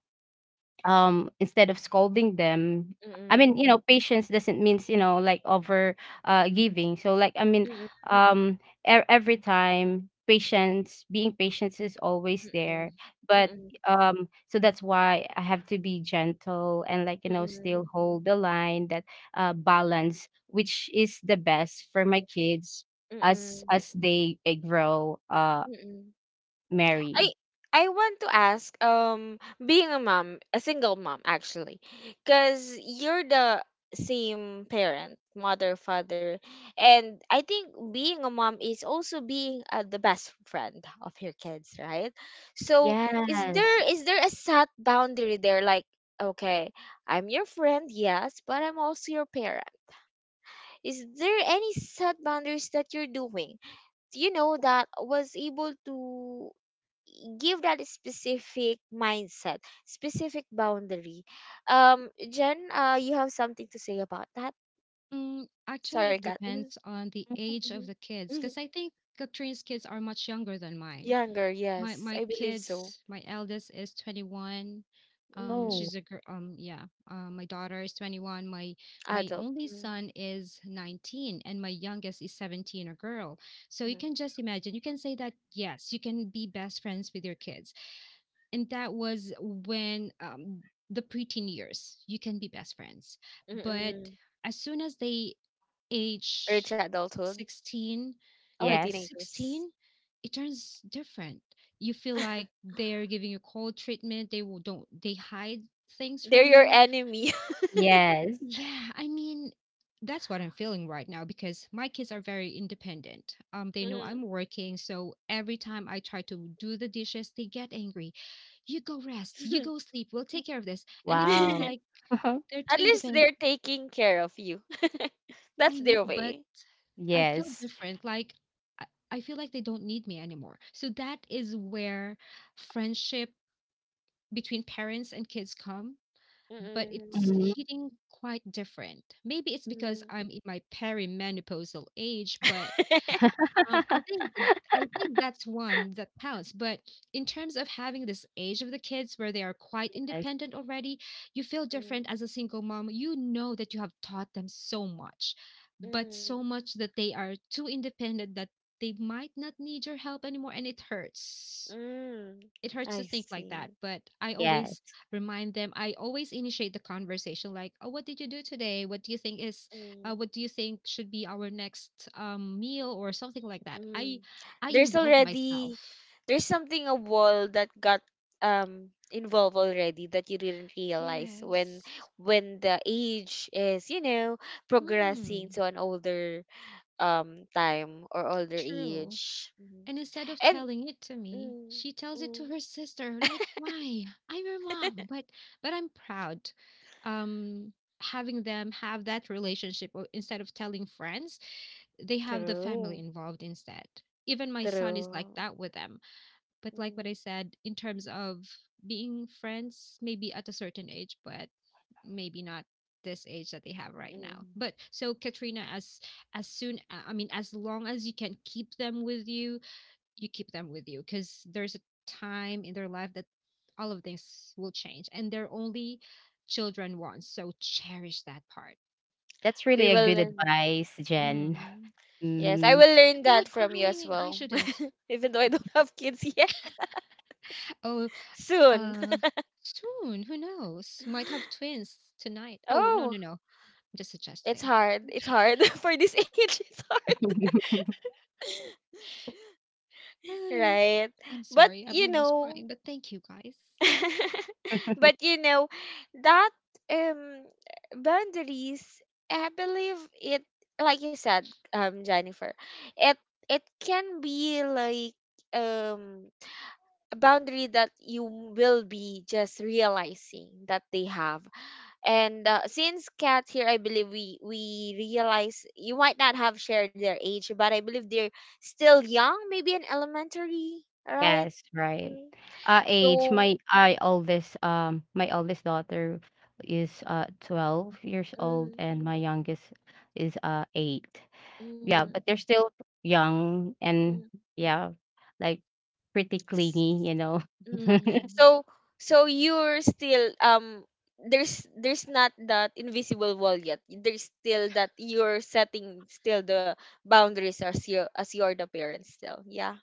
Speaker 3: instead of scolding them, I mean,
Speaker 1: Hmm.
Speaker 3: you know, patience doesn't means, you know, like, over giving. So, like, I mean,
Speaker 1: Hmm.
Speaker 3: um every time patience, being patience is always
Speaker 1: Hmm.
Speaker 3: there.
Speaker 1: Hmm.
Speaker 3: But
Speaker 1: Hmm.
Speaker 3: so that's why I have to be gentle, and, like, you
Speaker 1: Hmm.
Speaker 3: know,
Speaker 1: Hmm. Hmm.
Speaker 3: still hold the line, that balance which is the best for my kids
Speaker 1: Hmm.
Speaker 3: as they grow,
Speaker 1: Hmm. Hmm.
Speaker 3: marry
Speaker 1: I I want to ask, being a mom, a single mom actually, because you're the same parent, mother, father, and I think being a mom is also being, the best friend of your kids, right? So is there
Speaker 3: yes.
Speaker 1: is there a set boundary there, like? Okay, I'm your friend, yes, but I'm also your parent. Is there any set boundaries that you're doing? You know that was able to give that specific mindset, specific boundary. Jen, you have something to say about that?
Speaker 2: Mm, actually,
Speaker 1: Sorry,
Speaker 2: it
Speaker 1: Kat. Mhm.
Speaker 2: depends on the age of
Speaker 1: Mhm.
Speaker 2: the kids
Speaker 1: Mhm.
Speaker 2: because I think Katrine's kids are much younger than mine.
Speaker 1: Younger,
Speaker 2: My
Speaker 1: yes,
Speaker 2: my
Speaker 1: I believe so.
Speaker 2: kids, my eldest is 21.
Speaker 1: Mm,
Speaker 3: Oh
Speaker 2: She's a girl. Yeah. My daughter is 21. My
Speaker 1: adult.
Speaker 2: only
Speaker 1: Mm.
Speaker 2: son is 19, and my youngest is 17, a girl. So you
Speaker 1: Mm.
Speaker 2: can just imagine. You can say that yes, you can be best friends with your kids, and that was when, the preteen years, you can be best friends.
Speaker 1: Mm.
Speaker 2: But
Speaker 1: Mm.
Speaker 2: as soon as they
Speaker 1: Rich
Speaker 2: age
Speaker 1: adulthood.
Speaker 2: 16,
Speaker 1: Oh,
Speaker 2: like
Speaker 3: yes.
Speaker 1: teenagers.
Speaker 2: 16, it turns different. You feel like
Speaker 1: [LAUGHS]
Speaker 2: they're giving you cold treatment. They will, don't, they hide things
Speaker 1: They're
Speaker 2: from
Speaker 1: your
Speaker 2: you.
Speaker 1: enemy.
Speaker 3: Yes.
Speaker 2: Yeah, I mean, that's what I'm feeling right now because my kids are very independent. They know I'm
Speaker 1: [LAUGHS]
Speaker 2: working, so every time I try to do the dishes, they get angry. You go rest, you
Speaker 1: Mhm.
Speaker 2: go sleep, we'll take care of this. And it feels
Speaker 3: Wow.
Speaker 2: like
Speaker 1: [LAUGHS]
Speaker 3: [LAUGHS]
Speaker 2: they're too
Speaker 1: At least
Speaker 2: independent.
Speaker 1: they're taking care of you. [LAUGHS] That's
Speaker 2: I know,
Speaker 1: their
Speaker 2: but
Speaker 1: way.
Speaker 2: I feel
Speaker 3: Yes.
Speaker 2: different. Like I feel like they don't need me anymore. So that is where friendship between parents and kids come, but
Speaker 1: Mm-mm.
Speaker 2: it's
Speaker 3: Mhm.
Speaker 2: hitting quite different. Maybe it's because
Speaker 1: Mm.
Speaker 2: I'm in my perimenopausal age, but
Speaker 1: [LAUGHS]
Speaker 2: um, I think uh, I think that's one that counts. But in terms of having this age of the kids where they are quite
Speaker 3: Yes,
Speaker 2: independent already, you feel
Speaker 1: Mm.
Speaker 2: different as a single mom. You know that you have taught them so much, but
Speaker 1: Mm.
Speaker 2: so much that they are too independent that they might not need your help anymore, and it hurts
Speaker 1: Mm.
Speaker 2: it hurts to
Speaker 1: I
Speaker 2: think like that.
Speaker 1: see.
Speaker 2: But I always
Speaker 3: yes.
Speaker 2: remind them. I always initiate the conversation, like, oh, what did you do today,
Speaker 1: Mm.
Speaker 2: what do you think should be our next, meal, or something like that. i
Speaker 1: Mm.
Speaker 2: i
Speaker 1: There's
Speaker 2: involve myself.
Speaker 1: already there's something a wall that got involved already that you didn't realize when
Speaker 2: Yes.
Speaker 1: when the age is, you know, progressing
Speaker 2: Mm.
Speaker 1: to an older time or older
Speaker 2: True.
Speaker 1: age. Mhm.
Speaker 2: And instead of
Speaker 1: And,
Speaker 2: telling it to me,
Speaker 1: mm.
Speaker 2: she tells it to
Speaker 1: Mm.
Speaker 2: her sister, like, why, I'm your mom, but I'm proud, um having them have that relationship, or instead of telling friends, they have the
Speaker 1: True.
Speaker 2: family involved instead. Even my son is like
Speaker 1: True.
Speaker 2: that with them. But like what I
Speaker 1: Mm.
Speaker 2: said, in terms of being friends, maybe at a certain age, but maybe not this age that they have right now.
Speaker 1: Mm.
Speaker 2: But so Katrina, as soon I mean, as long as you can keep them with you, you keep them with you because there's a time in their life that all of things will change, and they're only children once. So cherish that part.
Speaker 3: That's really
Speaker 1: We
Speaker 3: a good
Speaker 1: will learn.
Speaker 3: advice,
Speaker 1: Mm.
Speaker 3: Jen.
Speaker 2: Mm.
Speaker 1: Yes, I
Speaker 3: Mhm.
Speaker 1: will
Speaker 2: I
Speaker 1: learn
Speaker 2: feel
Speaker 1: that
Speaker 2: like
Speaker 1: from you as
Speaker 2: crying. I
Speaker 1: well,
Speaker 2: shouldn't.
Speaker 1: even though I don't have kids yet.
Speaker 2: Oh.
Speaker 1: [LAUGHS] Soon.
Speaker 2: Uh, Soon. Who knows? Might have
Speaker 1: [LAUGHS]
Speaker 2: twins tonight. Oh, no, no,
Speaker 1: Oh,
Speaker 2: no. I'm just
Speaker 1: it's
Speaker 2: suggesting.
Speaker 1: hard. It's hard [LAUGHS] for this age. It's hard,
Speaker 2: No, no, no.
Speaker 1: right?
Speaker 2: I'm
Speaker 1: But
Speaker 2: sorry. I'm
Speaker 1: you
Speaker 2: almost
Speaker 1: know,
Speaker 2: crying, but thank you guys.
Speaker 1: [LAUGHS] but you know that, um boundaries, I believe it, like you said, Jennifer. It it can be like, um a boundary that you will be just realizing that they have. And, since Kat here, I believe we realize you might not have shared their age, but I believe they're still young, maybe in elementary, right?
Speaker 3: Yes, right.
Speaker 1: Mm.
Speaker 3: Age,
Speaker 1: So,
Speaker 3: my I oldest, my oldest daughter is 12 years old,
Speaker 1: mm.
Speaker 3: and my youngest is 8. Yeah,
Speaker 1: Mm.
Speaker 3: but they're still young, and
Speaker 1: Mm.
Speaker 3: yeah, like, pretty
Speaker 1: s-
Speaker 3: clingy, you know. [LAUGHS]
Speaker 1: mm.
Speaker 2: Mm,
Speaker 1: so so you're still, there's not that invisible wall yet. There's still that you're setting still the boundaries as you're the parent still. Yeah.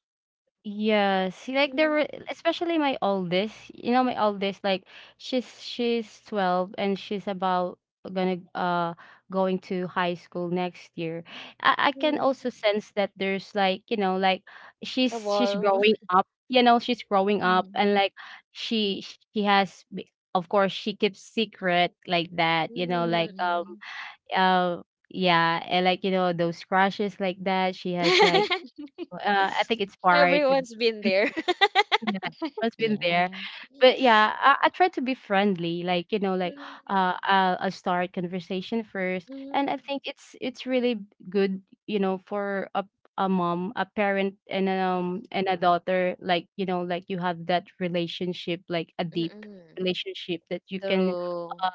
Speaker 3: Yes, like there
Speaker 1: Mm.
Speaker 3: were, especially my oldest, you know, my oldest, like, she's 12 and she's about gonna going to high school next year. I can
Speaker 1: Mm,
Speaker 3: also sense that there's, like, you know, like,
Speaker 1: a
Speaker 3: she's
Speaker 1: wall.
Speaker 3: growing up, you know, she's growing up. And
Speaker 2: mm,
Speaker 3: like she she has of course, she keeps secret like that, you know,
Speaker 2: mm,
Speaker 3: like,
Speaker 1: [LAUGHS]
Speaker 2: mm.
Speaker 3: uh yeah. And, like, you know, those crushes like that. She has like
Speaker 1: [LAUGHS]
Speaker 3: I think it's part of
Speaker 1: Everyone's been there. [LAUGHS]
Speaker 3: yeah, has been there.
Speaker 2: Yeah.
Speaker 3: But, yeah, I try to be friendly, like, you know, like,
Speaker 1: Mm.
Speaker 3: I'll start conversation first. And
Speaker 1: Mhm.
Speaker 3: I think it's, really good, you know, for a mom, a parent, and an,
Speaker 1: Mhm.
Speaker 3: and a daughter, like, you know, like, you have that relationship, like a deep
Speaker 1: Mm-mm.
Speaker 3: relationship that you
Speaker 1: [LAUGHS]
Speaker 3: can
Speaker 1: True.
Speaker 3: uh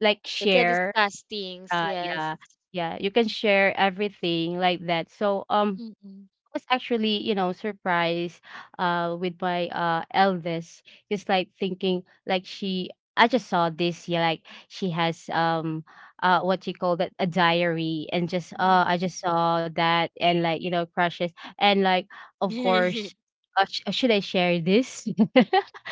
Speaker 3: like
Speaker 1: You can
Speaker 3: share.
Speaker 1: discuss things, yes.
Speaker 3: Yeah. Yeah, you can share everything like that. So
Speaker 2: Mm, mm,
Speaker 3: was actually, you know, surprised with my eldest. Just like thinking like she, I just saw this, yeah, like she has what you call that, a diary. And just
Speaker 1: Mm.
Speaker 3: I just saw that, and, like, you know, crushes, and like, of course, should I share this? [LAUGHS]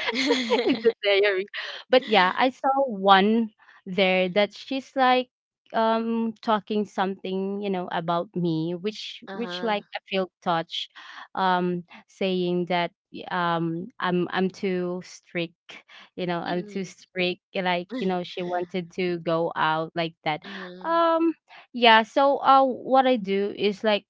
Speaker 3: It's a
Speaker 1: [LAUGHS]
Speaker 3: diary. But, yeah, I saw one there that she's like, talking something, you know, about me, which,
Speaker 1: Uh-huh.
Speaker 3: like, I feel touched, saying that I'm too strict, you know,
Speaker 2: mm,
Speaker 3: I'm too
Speaker 1: Mm.
Speaker 3: strict, like, you
Speaker 1: [LAUGHS]
Speaker 3: know, she wanted to go out like that.
Speaker 1: Uh-huh.
Speaker 3: um yeah. So what I do is, like,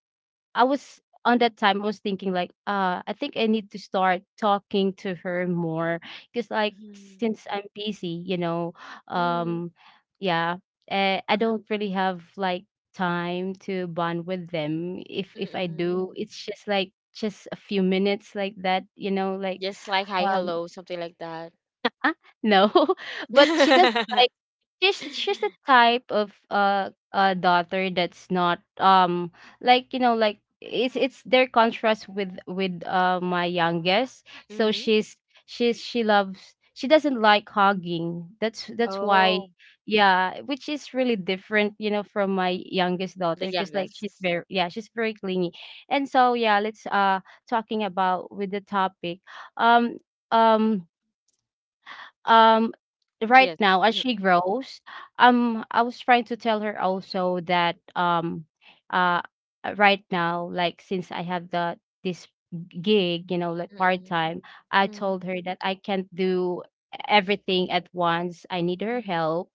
Speaker 3: I was on that time, I was thinking, like, I think I need to start talking to her more, because, like,
Speaker 1: Mhm.
Speaker 3: since I'm busy, you know,
Speaker 1: Mm.
Speaker 3: um, yeah, I don't really have like time to bond with them. If I
Speaker 1: Mm-mm.
Speaker 3: do, it's just, like, just a few minutes like that, you know, like,
Speaker 1: Just like hi,
Speaker 3: um,
Speaker 1: hello, something like that.
Speaker 3: no. [LAUGHS] But she doesn't,
Speaker 1: [LAUGHS]
Speaker 3: she's the type of daughter that's not like, you know, like, it's, their contrast with, my youngest. So
Speaker 1: Mm.
Speaker 3: she loves, she doesn't like hugging. That's why
Speaker 1: Oh,
Speaker 3: yeah, which is really different, you know, from my youngest
Speaker 1: the
Speaker 3: daughter, because, like, she's
Speaker 1: youngest.
Speaker 3: very, yeah, she's very clingy. And so, yeah, let's talking about with the topic, um um um right
Speaker 1: Yes.
Speaker 3: now, as she grows, I was trying to tell her also that uh right now, like, since I have the this gig, you know, like,
Speaker 1: Mm-mm.
Speaker 3: part-time. I
Speaker 1: Mm.
Speaker 3: told her that I can't do everything at once, I need her
Speaker 1: Mm.
Speaker 3: help.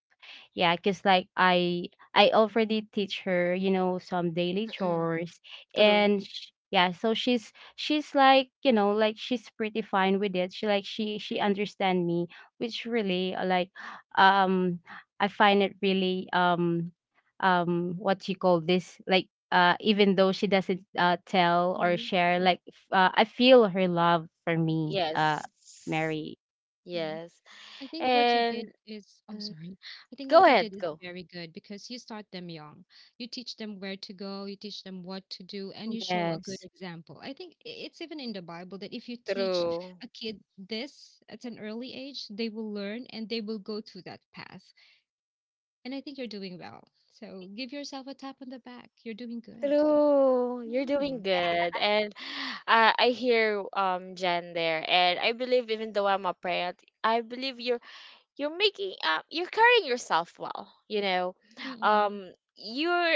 Speaker 3: Yeah, because, like, I already teach her, you know, some daily
Speaker 1: Mm-mm.
Speaker 3: chores.
Speaker 1: True.
Speaker 3: And sh yeah, so she's, like, you know, like, she's pretty fine with it. She like, she understand me. Which really like, um I find it really what you call this, like, even though she doesn't tell or share, like, I feel her love for me,
Speaker 1: Yes.
Speaker 3: Mary.
Speaker 2: mm.
Speaker 1: Yes.
Speaker 2: I think what you did
Speaker 1: And,
Speaker 2: is, oh,
Speaker 1: mm,
Speaker 2: sorry. I think
Speaker 1: go
Speaker 2: what you
Speaker 1: ahead,
Speaker 2: did is
Speaker 1: go.
Speaker 2: very good because you start them young. You teach them where to go, you teach them what to do, and you show a good
Speaker 3: Yes.
Speaker 2: example. I think it's even in the Bible that if you teach
Speaker 1: True.
Speaker 2: a kid this at an early age, they will learn and they will go to that path. And I think you're doing well. So give yourself a tap on the back. You're doing good.
Speaker 1: True. You're doing
Speaker 2: Mm.
Speaker 1: good. And, I hear Jen there. And I believe even though I'm a parent, I believe you're making, you're carrying yourself well, you know.
Speaker 2: Mm-mm.
Speaker 1: Um you're,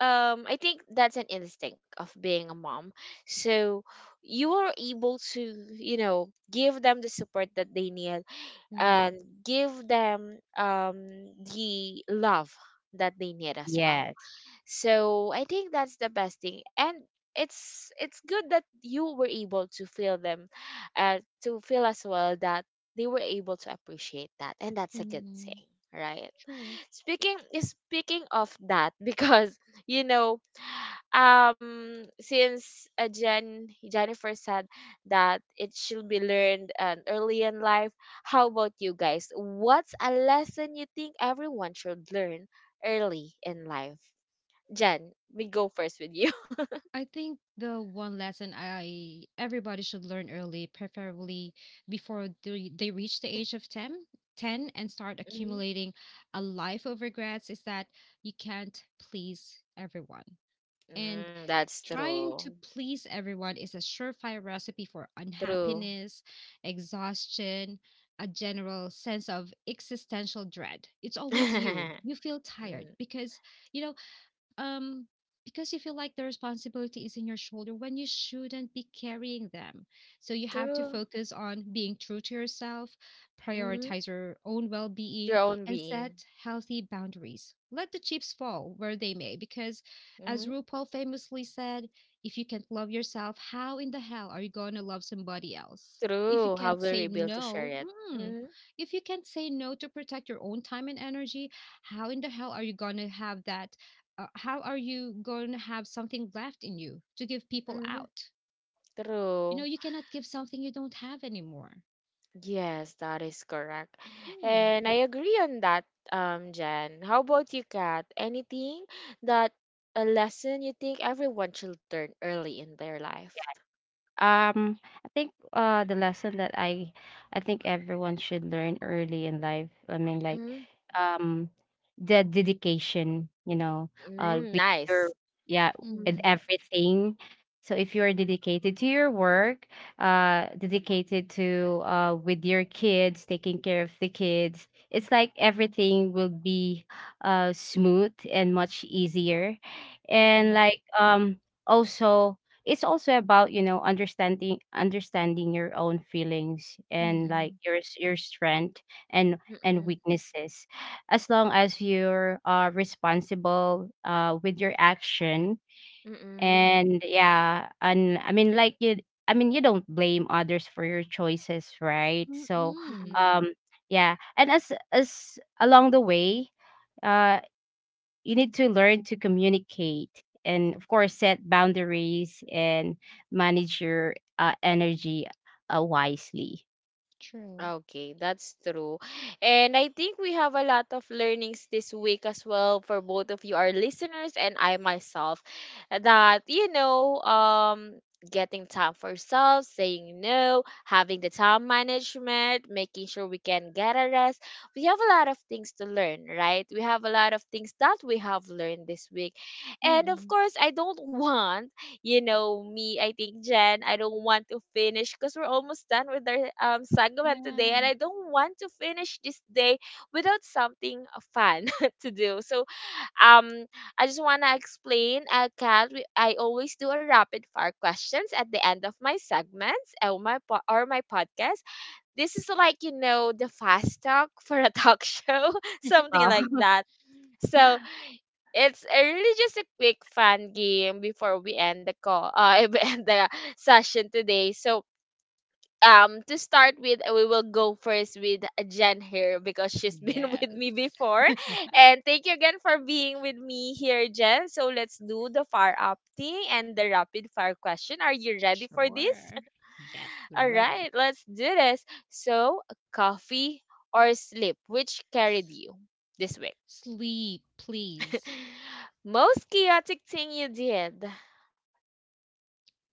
Speaker 1: I think that's an instinct of being a mom. So you are able to, you know, give them the support that they need,
Speaker 2: Mm-mm.
Speaker 1: and give them, the love that they need as well.
Speaker 3: Yes.
Speaker 1: So I think that's the best thing, and it's good that you were able to feel them, to feel as well that they were able to appreciate that, and that's a good
Speaker 2: Mm-mm.
Speaker 1: thing, right?
Speaker 2: True.
Speaker 1: Speaking of that, [LAUGHS] because you know, since, Jennifer said that it should be learned, early in life, how about you guys? What's a lesson you think everyone should learn early in life? Jen, we go first with you. [LAUGHS]
Speaker 2: I think the one lesson I everybody should learn early, preferably before they reach the age of ten, and start
Speaker 1: Mhm.
Speaker 2: accumulating a life of regrets is that you can't please everyone. And
Speaker 1: Mm, that's
Speaker 2: trying
Speaker 1: true.
Speaker 2: to please everyone is a surefire recipe for
Speaker 1: True.
Speaker 2: unhappiness, exhaustion, a general sense of existential dread. It's always you.
Speaker 1: [LAUGHS]
Speaker 2: You feel tired
Speaker 1: Mm,
Speaker 2: you know um because you feel like the responsibility is in your shoulder when you shouldn't be carrying them. So you have to
Speaker 1: true.
Speaker 2: focus on being true to yourself,
Speaker 1: Hmm.
Speaker 2: prioritize your own well
Speaker 1: Your
Speaker 2: being,
Speaker 1: own
Speaker 2: and set
Speaker 1: being.
Speaker 2: healthy boundaries. Let the chips fall where they may, because as
Speaker 1: Hmm.
Speaker 2: RuPaul famously said, if you can't love yourself, how in the hell are you going to love somebody else? If you
Speaker 1: True. How
Speaker 2: can't
Speaker 1: will
Speaker 2: say
Speaker 1: we be able to share
Speaker 2: no,
Speaker 1: it?
Speaker 2: mm,
Speaker 1: Hmm.
Speaker 2: if you can't say no to protect your own time and energy, how in the hell are you going to have that how are you going to have something left in you to give people
Speaker 1: Hmm.
Speaker 2: out?
Speaker 1: True.
Speaker 2: You cannot give something you don't have anymore.
Speaker 1: Yes, that is correct.
Speaker 2: Hmm.
Speaker 1: And I agree on that, Jen. How about you, Kat? Anything that a lesson you think everyone should learn early in their life?
Speaker 3: Um, I think the lesson that I think everyone should learn early in life. I mean, like,
Speaker 1: Mm.
Speaker 3: um the dedication, you know,
Speaker 1: Mm,
Speaker 3: with your,
Speaker 1: nice.
Speaker 3: yeah,
Speaker 1: Mm.
Speaker 3: with
Speaker 2: Mm,
Speaker 3: everything. So if you're dedicated to your work, dedicated to with your kids, taking care of the kids, it's like everything will be smooth and much easier. And,
Speaker 1: Mm-mm.
Speaker 3: like, also, it's also about, you know, understanding your own feelings, and, like,
Speaker 2: mm,
Speaker 3: your your strength and
Speaker 1: Mm-mm.
Speaker 3: weaknesses, as long as you're responsible with your action.
Speaker 1: Mm-mm.
Speaker 3: And yeah. And I mean, like, you I mean, you don't blame others for your choices, right? So
Speaker 2: mm,
Speaker 1: Mm-mm.
Speaker 3: um yeah. And as along the way, uh you need to learn to communicate, and, of course, set boundaries, and manage your energy wisely.
Speaker 2: true.
Speaker 1: Okay, that's true. And I think we have a lot of learnings this week as well for both of you, our listeners and I myself, that, you know, getting time for ourselves, saying no, having the time management, making sure we can get a rest. We have a lot of things to learn, right? We have a lot of things that we have learned this week. And of
Speaker 2: Mm.
Speaker 1: course, I don't [LAUGHS] want, you know, me, I think Jen, I don't want to finish because we're almost done with our segment today, and
Speaker 2: Ah,
Speaker 1: I don't want to finish this day without something fun [LAUGHS] to do. So, um, I just wanna explain, Kat, we, I always do a rapid fire questions at the end of my segments or or my podcast. This is like you know the fast talk for a talk [LAUGHS] show, something like that. So it's a really just a quick fun game before we end the call. [LAUGHS] We end the session today. So, to start with, we will go first with Jen here because she's [LAUGHS] been with
Speaker 2: yes.
Speaker 1: me before, and thank you again for being with me here, Jen. So let's do the far up thing and the rapid fire question. Are you ready for this?
Speaker 2: Sure. Yes,
Speaker 1: [LAUGHS] All
Speaker 2: ready.
Speaker 1: right, let's do this. So, coffee or sleep, which carried you this week?
Speaker 2: Sleep, please.
Speaker 1: [LAUGHS] Most chaotic thing you did.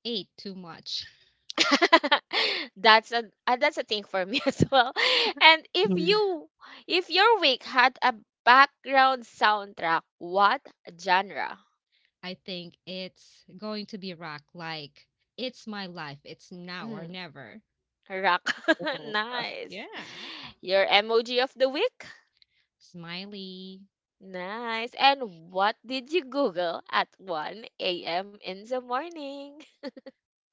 Speaker 2: Ate too much.
Speaker 1: [LAUGHS] That's a, that's a thing for me [LAUGHS] as well. And if
Speaker 3: Mhm.
Speaker 1: you if your week had a background soundtrack, what genre?
Speaker 2: I think it's going to be rock, like, it's my life. It's now or
Speaker 1: Mm,
Speaker 2: never.
Speaker 1: rock. [LAUGHS]
Speaker 3: Oh,
Speaker 1: Nice.
Speaker 2: Yeah.
Speaker 1: Your emoji of the week?
Speaker 2: Smiley.
Speaker 1: Nice. And what did you Google at 1 a.m. in the morning?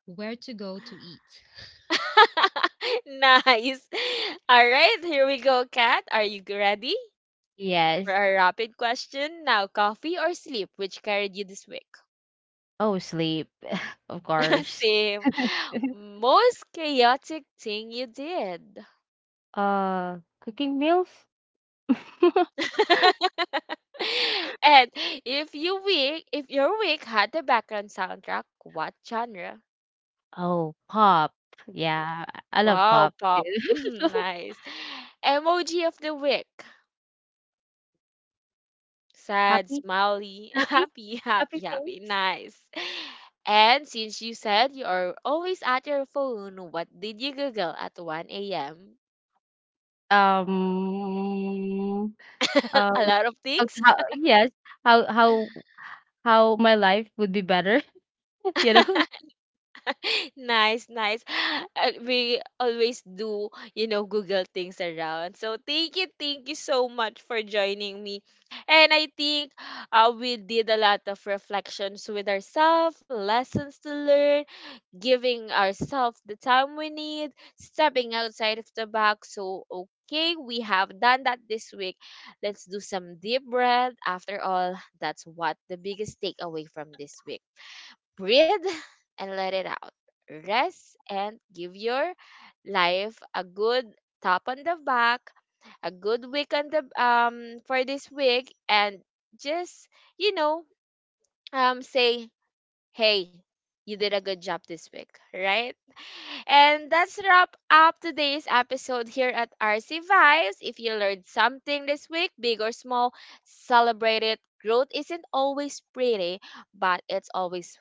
Speaker 2: Where to go to eat.
Speaker 1: [LAUGHS] Nice. All right, here we go, Kat. Are you ready? For
Speaker 3: yes.
Speaker 1: our rapid question now, coffee or sleep, which carried you this week?
Speaker 3: Oh, sleep, [LAUGHS] of
Speaker 1: [LAUGHS]
Speaker 3: course.
Speaker 1: Same.
Speaker 3: [LAUGHS]
Speaker 1: Most chaotic thing you did.
Speaker 3: Cooking meals. [LAUGHS]
Speaker 1: [LAUGHS] And if your week had a background soundtrack, what genre?
Speaker 3: Oh, pop. Yeah, I love
Speaker 1: Wow,
Speaker 3: pop too.
Speaker 1: pop. [LAUGHS]
Speaker 3: [LAUGHS]
Speaker 1: Nice. Emoji of the week. Sad,
Speaker 3: Happy,
Speaker 1: smiley, [LAUGHS]
Speaker 3: happy,
Speaker 1: happy,
Speaker 3: happy
Speaker 1: happy, happy.
Speaker 3: face.
Speaker 1: Nice. And since you said you are always at your phone, what did you Google at 1 a.m.?
Speaker 3: um
Speaker 1: [LAUGHS] A
Speaker 3: um
Speaker 1: lot of
Speaker 3: how,
Speaker 1: things.
Speaker 3: yes. how how how my life would be better. Ya dong.
Speaker 1: [LAUGHS] Nice, nice. We always do, you know, Google things around. So thank you so much for joining me. And I think, we did a lot of reflections with ourselves, lessons to learn, giving ourselves the time we need, stepping outside of the box. So, okay, we have done that this week. Let's do some deep breath. After all, that's what the biggest takeaway from this week. Breathe [LAUGHS] and let it out. Rest and give your life a good tap on the back, a good week on the for this week, and just, you know, say, "Hey, you did a good job this week," right? And that's wrap up today's episode here at RC Vibes. If you learned something this week, big or small, celebrate it. Growth isn't always pretty, but it's always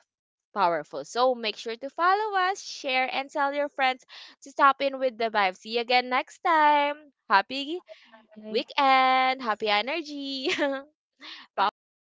Speaker 1: powerful. So make sure to follow us, share, and tell your friends to stop in with the vibe. See you again next time. Happy
Speaker 3: Oke.
Speaker 1: weekend. Happy energy. [LAUGHS]
Speaker 2: Hi,
Speaker 1: Bye for now.
Speaker 2: guys.